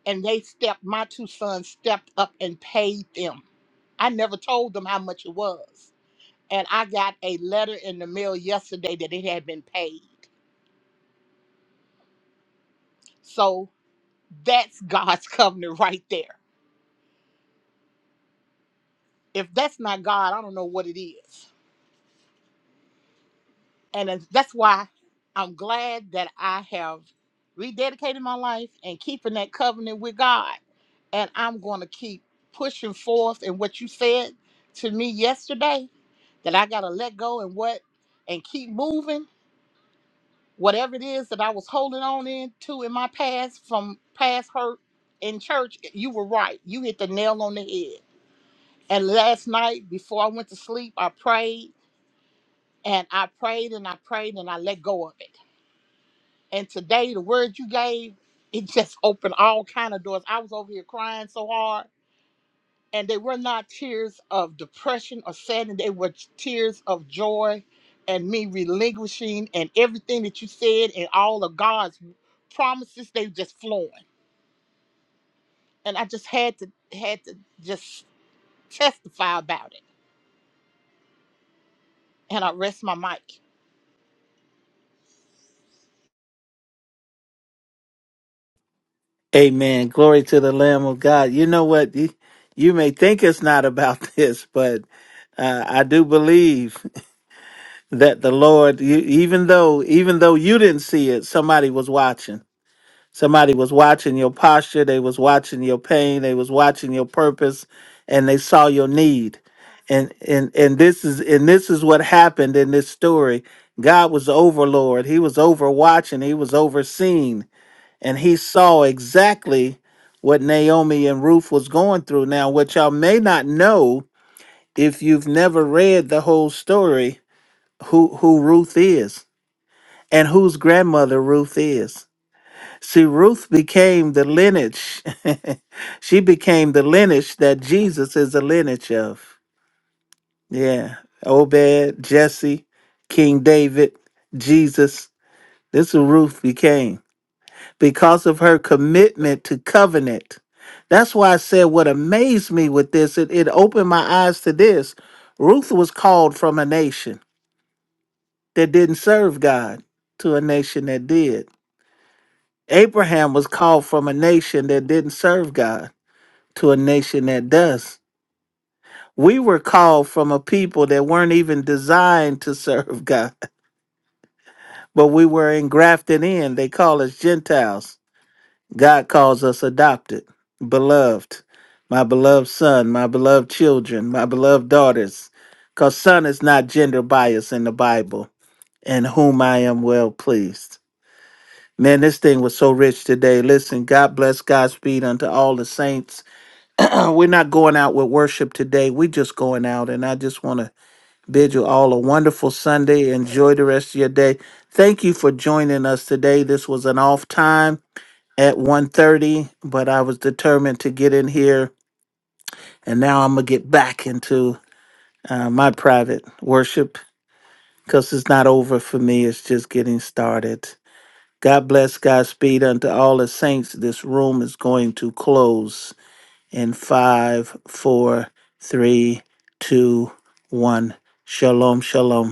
and they stepped my two sons stepped up and paid them i never told them how much it was and i got a letter in the mail yesterday that it had been paid so that's god's covenant right there if that's not God, I don't know what it is. And it's- that's why I'm glad that I have rededicated my life and keeping that covenant with God. And I'm going to keep pushing forth. And what you said to me yesterday, that I got to let go and what and keep moving, whatever it is that I was holding on into in my past from past hurt in church, you were right. You hit the nail on the head. And last night, before I went to sleep, I prayed And I prayed and I prayed and I let go of it. And today the word you gave, it just opened all kind of doors. I was over here crying so hard. And they were not tears of depression or sadness. They were tears of joy and me relinquishing and everything that you said and all of God's promises, they just flowing. And I just had to had to just testify about it. And I rest my mic. Amen. Glory to the Lamb of God. You know what? You, you may think it's not about this, but uh, I do believe that the Lord, you, even though even though you didn't see it, somebody was watching. Somebody was watching your posture. They was watching your pain. They was watching your purpose, and they saw your need. And and and this is and this is what happened in this story. God was overlord. He was overwatching. He was overseeing and he saw exactly what Naomi and Ruth was going through. Now, what y'all may not know if you've never read the whole story, who who Ruth is and whose grandmother Ruth is. See, Ruth became the lineage. she became the lineage that Jesus is the lineage of. Yeah. Obed, Jesse, King David, Jesus. This is who Ruth became. because of her commitment to covenant. That's why I said what amazed me with this, it, it opened my eyes to this. Ruth was called from a nation that didn't serve God to a nation that did. Abraham was called from a nation that didn't serve God to a nation that does. We were called from a people that weren't even designed to serve God, but we were engrafted in. They call us Gentiles God calls us adopted, beloved, my beloved son, my beloved children, my beloved daughters, because son is not gender bias in the Bible, in whom I am well pleased. Man, this thing was so rich today. Listen, God bless Godspeed unto all the saints. We're not going out with worship today. We're just going out, and I just want to bid you all a wonderful Sunday. Enjoy the rest of your day. Thank you for joining us today. This was an off time at one thirty, but i was determined to get in here and now i'm gonna get back into uh, my private worship because it's not over for me it's just getting started god bless godspeed unto all the saints this room is going to close in five four three two one shalom shalom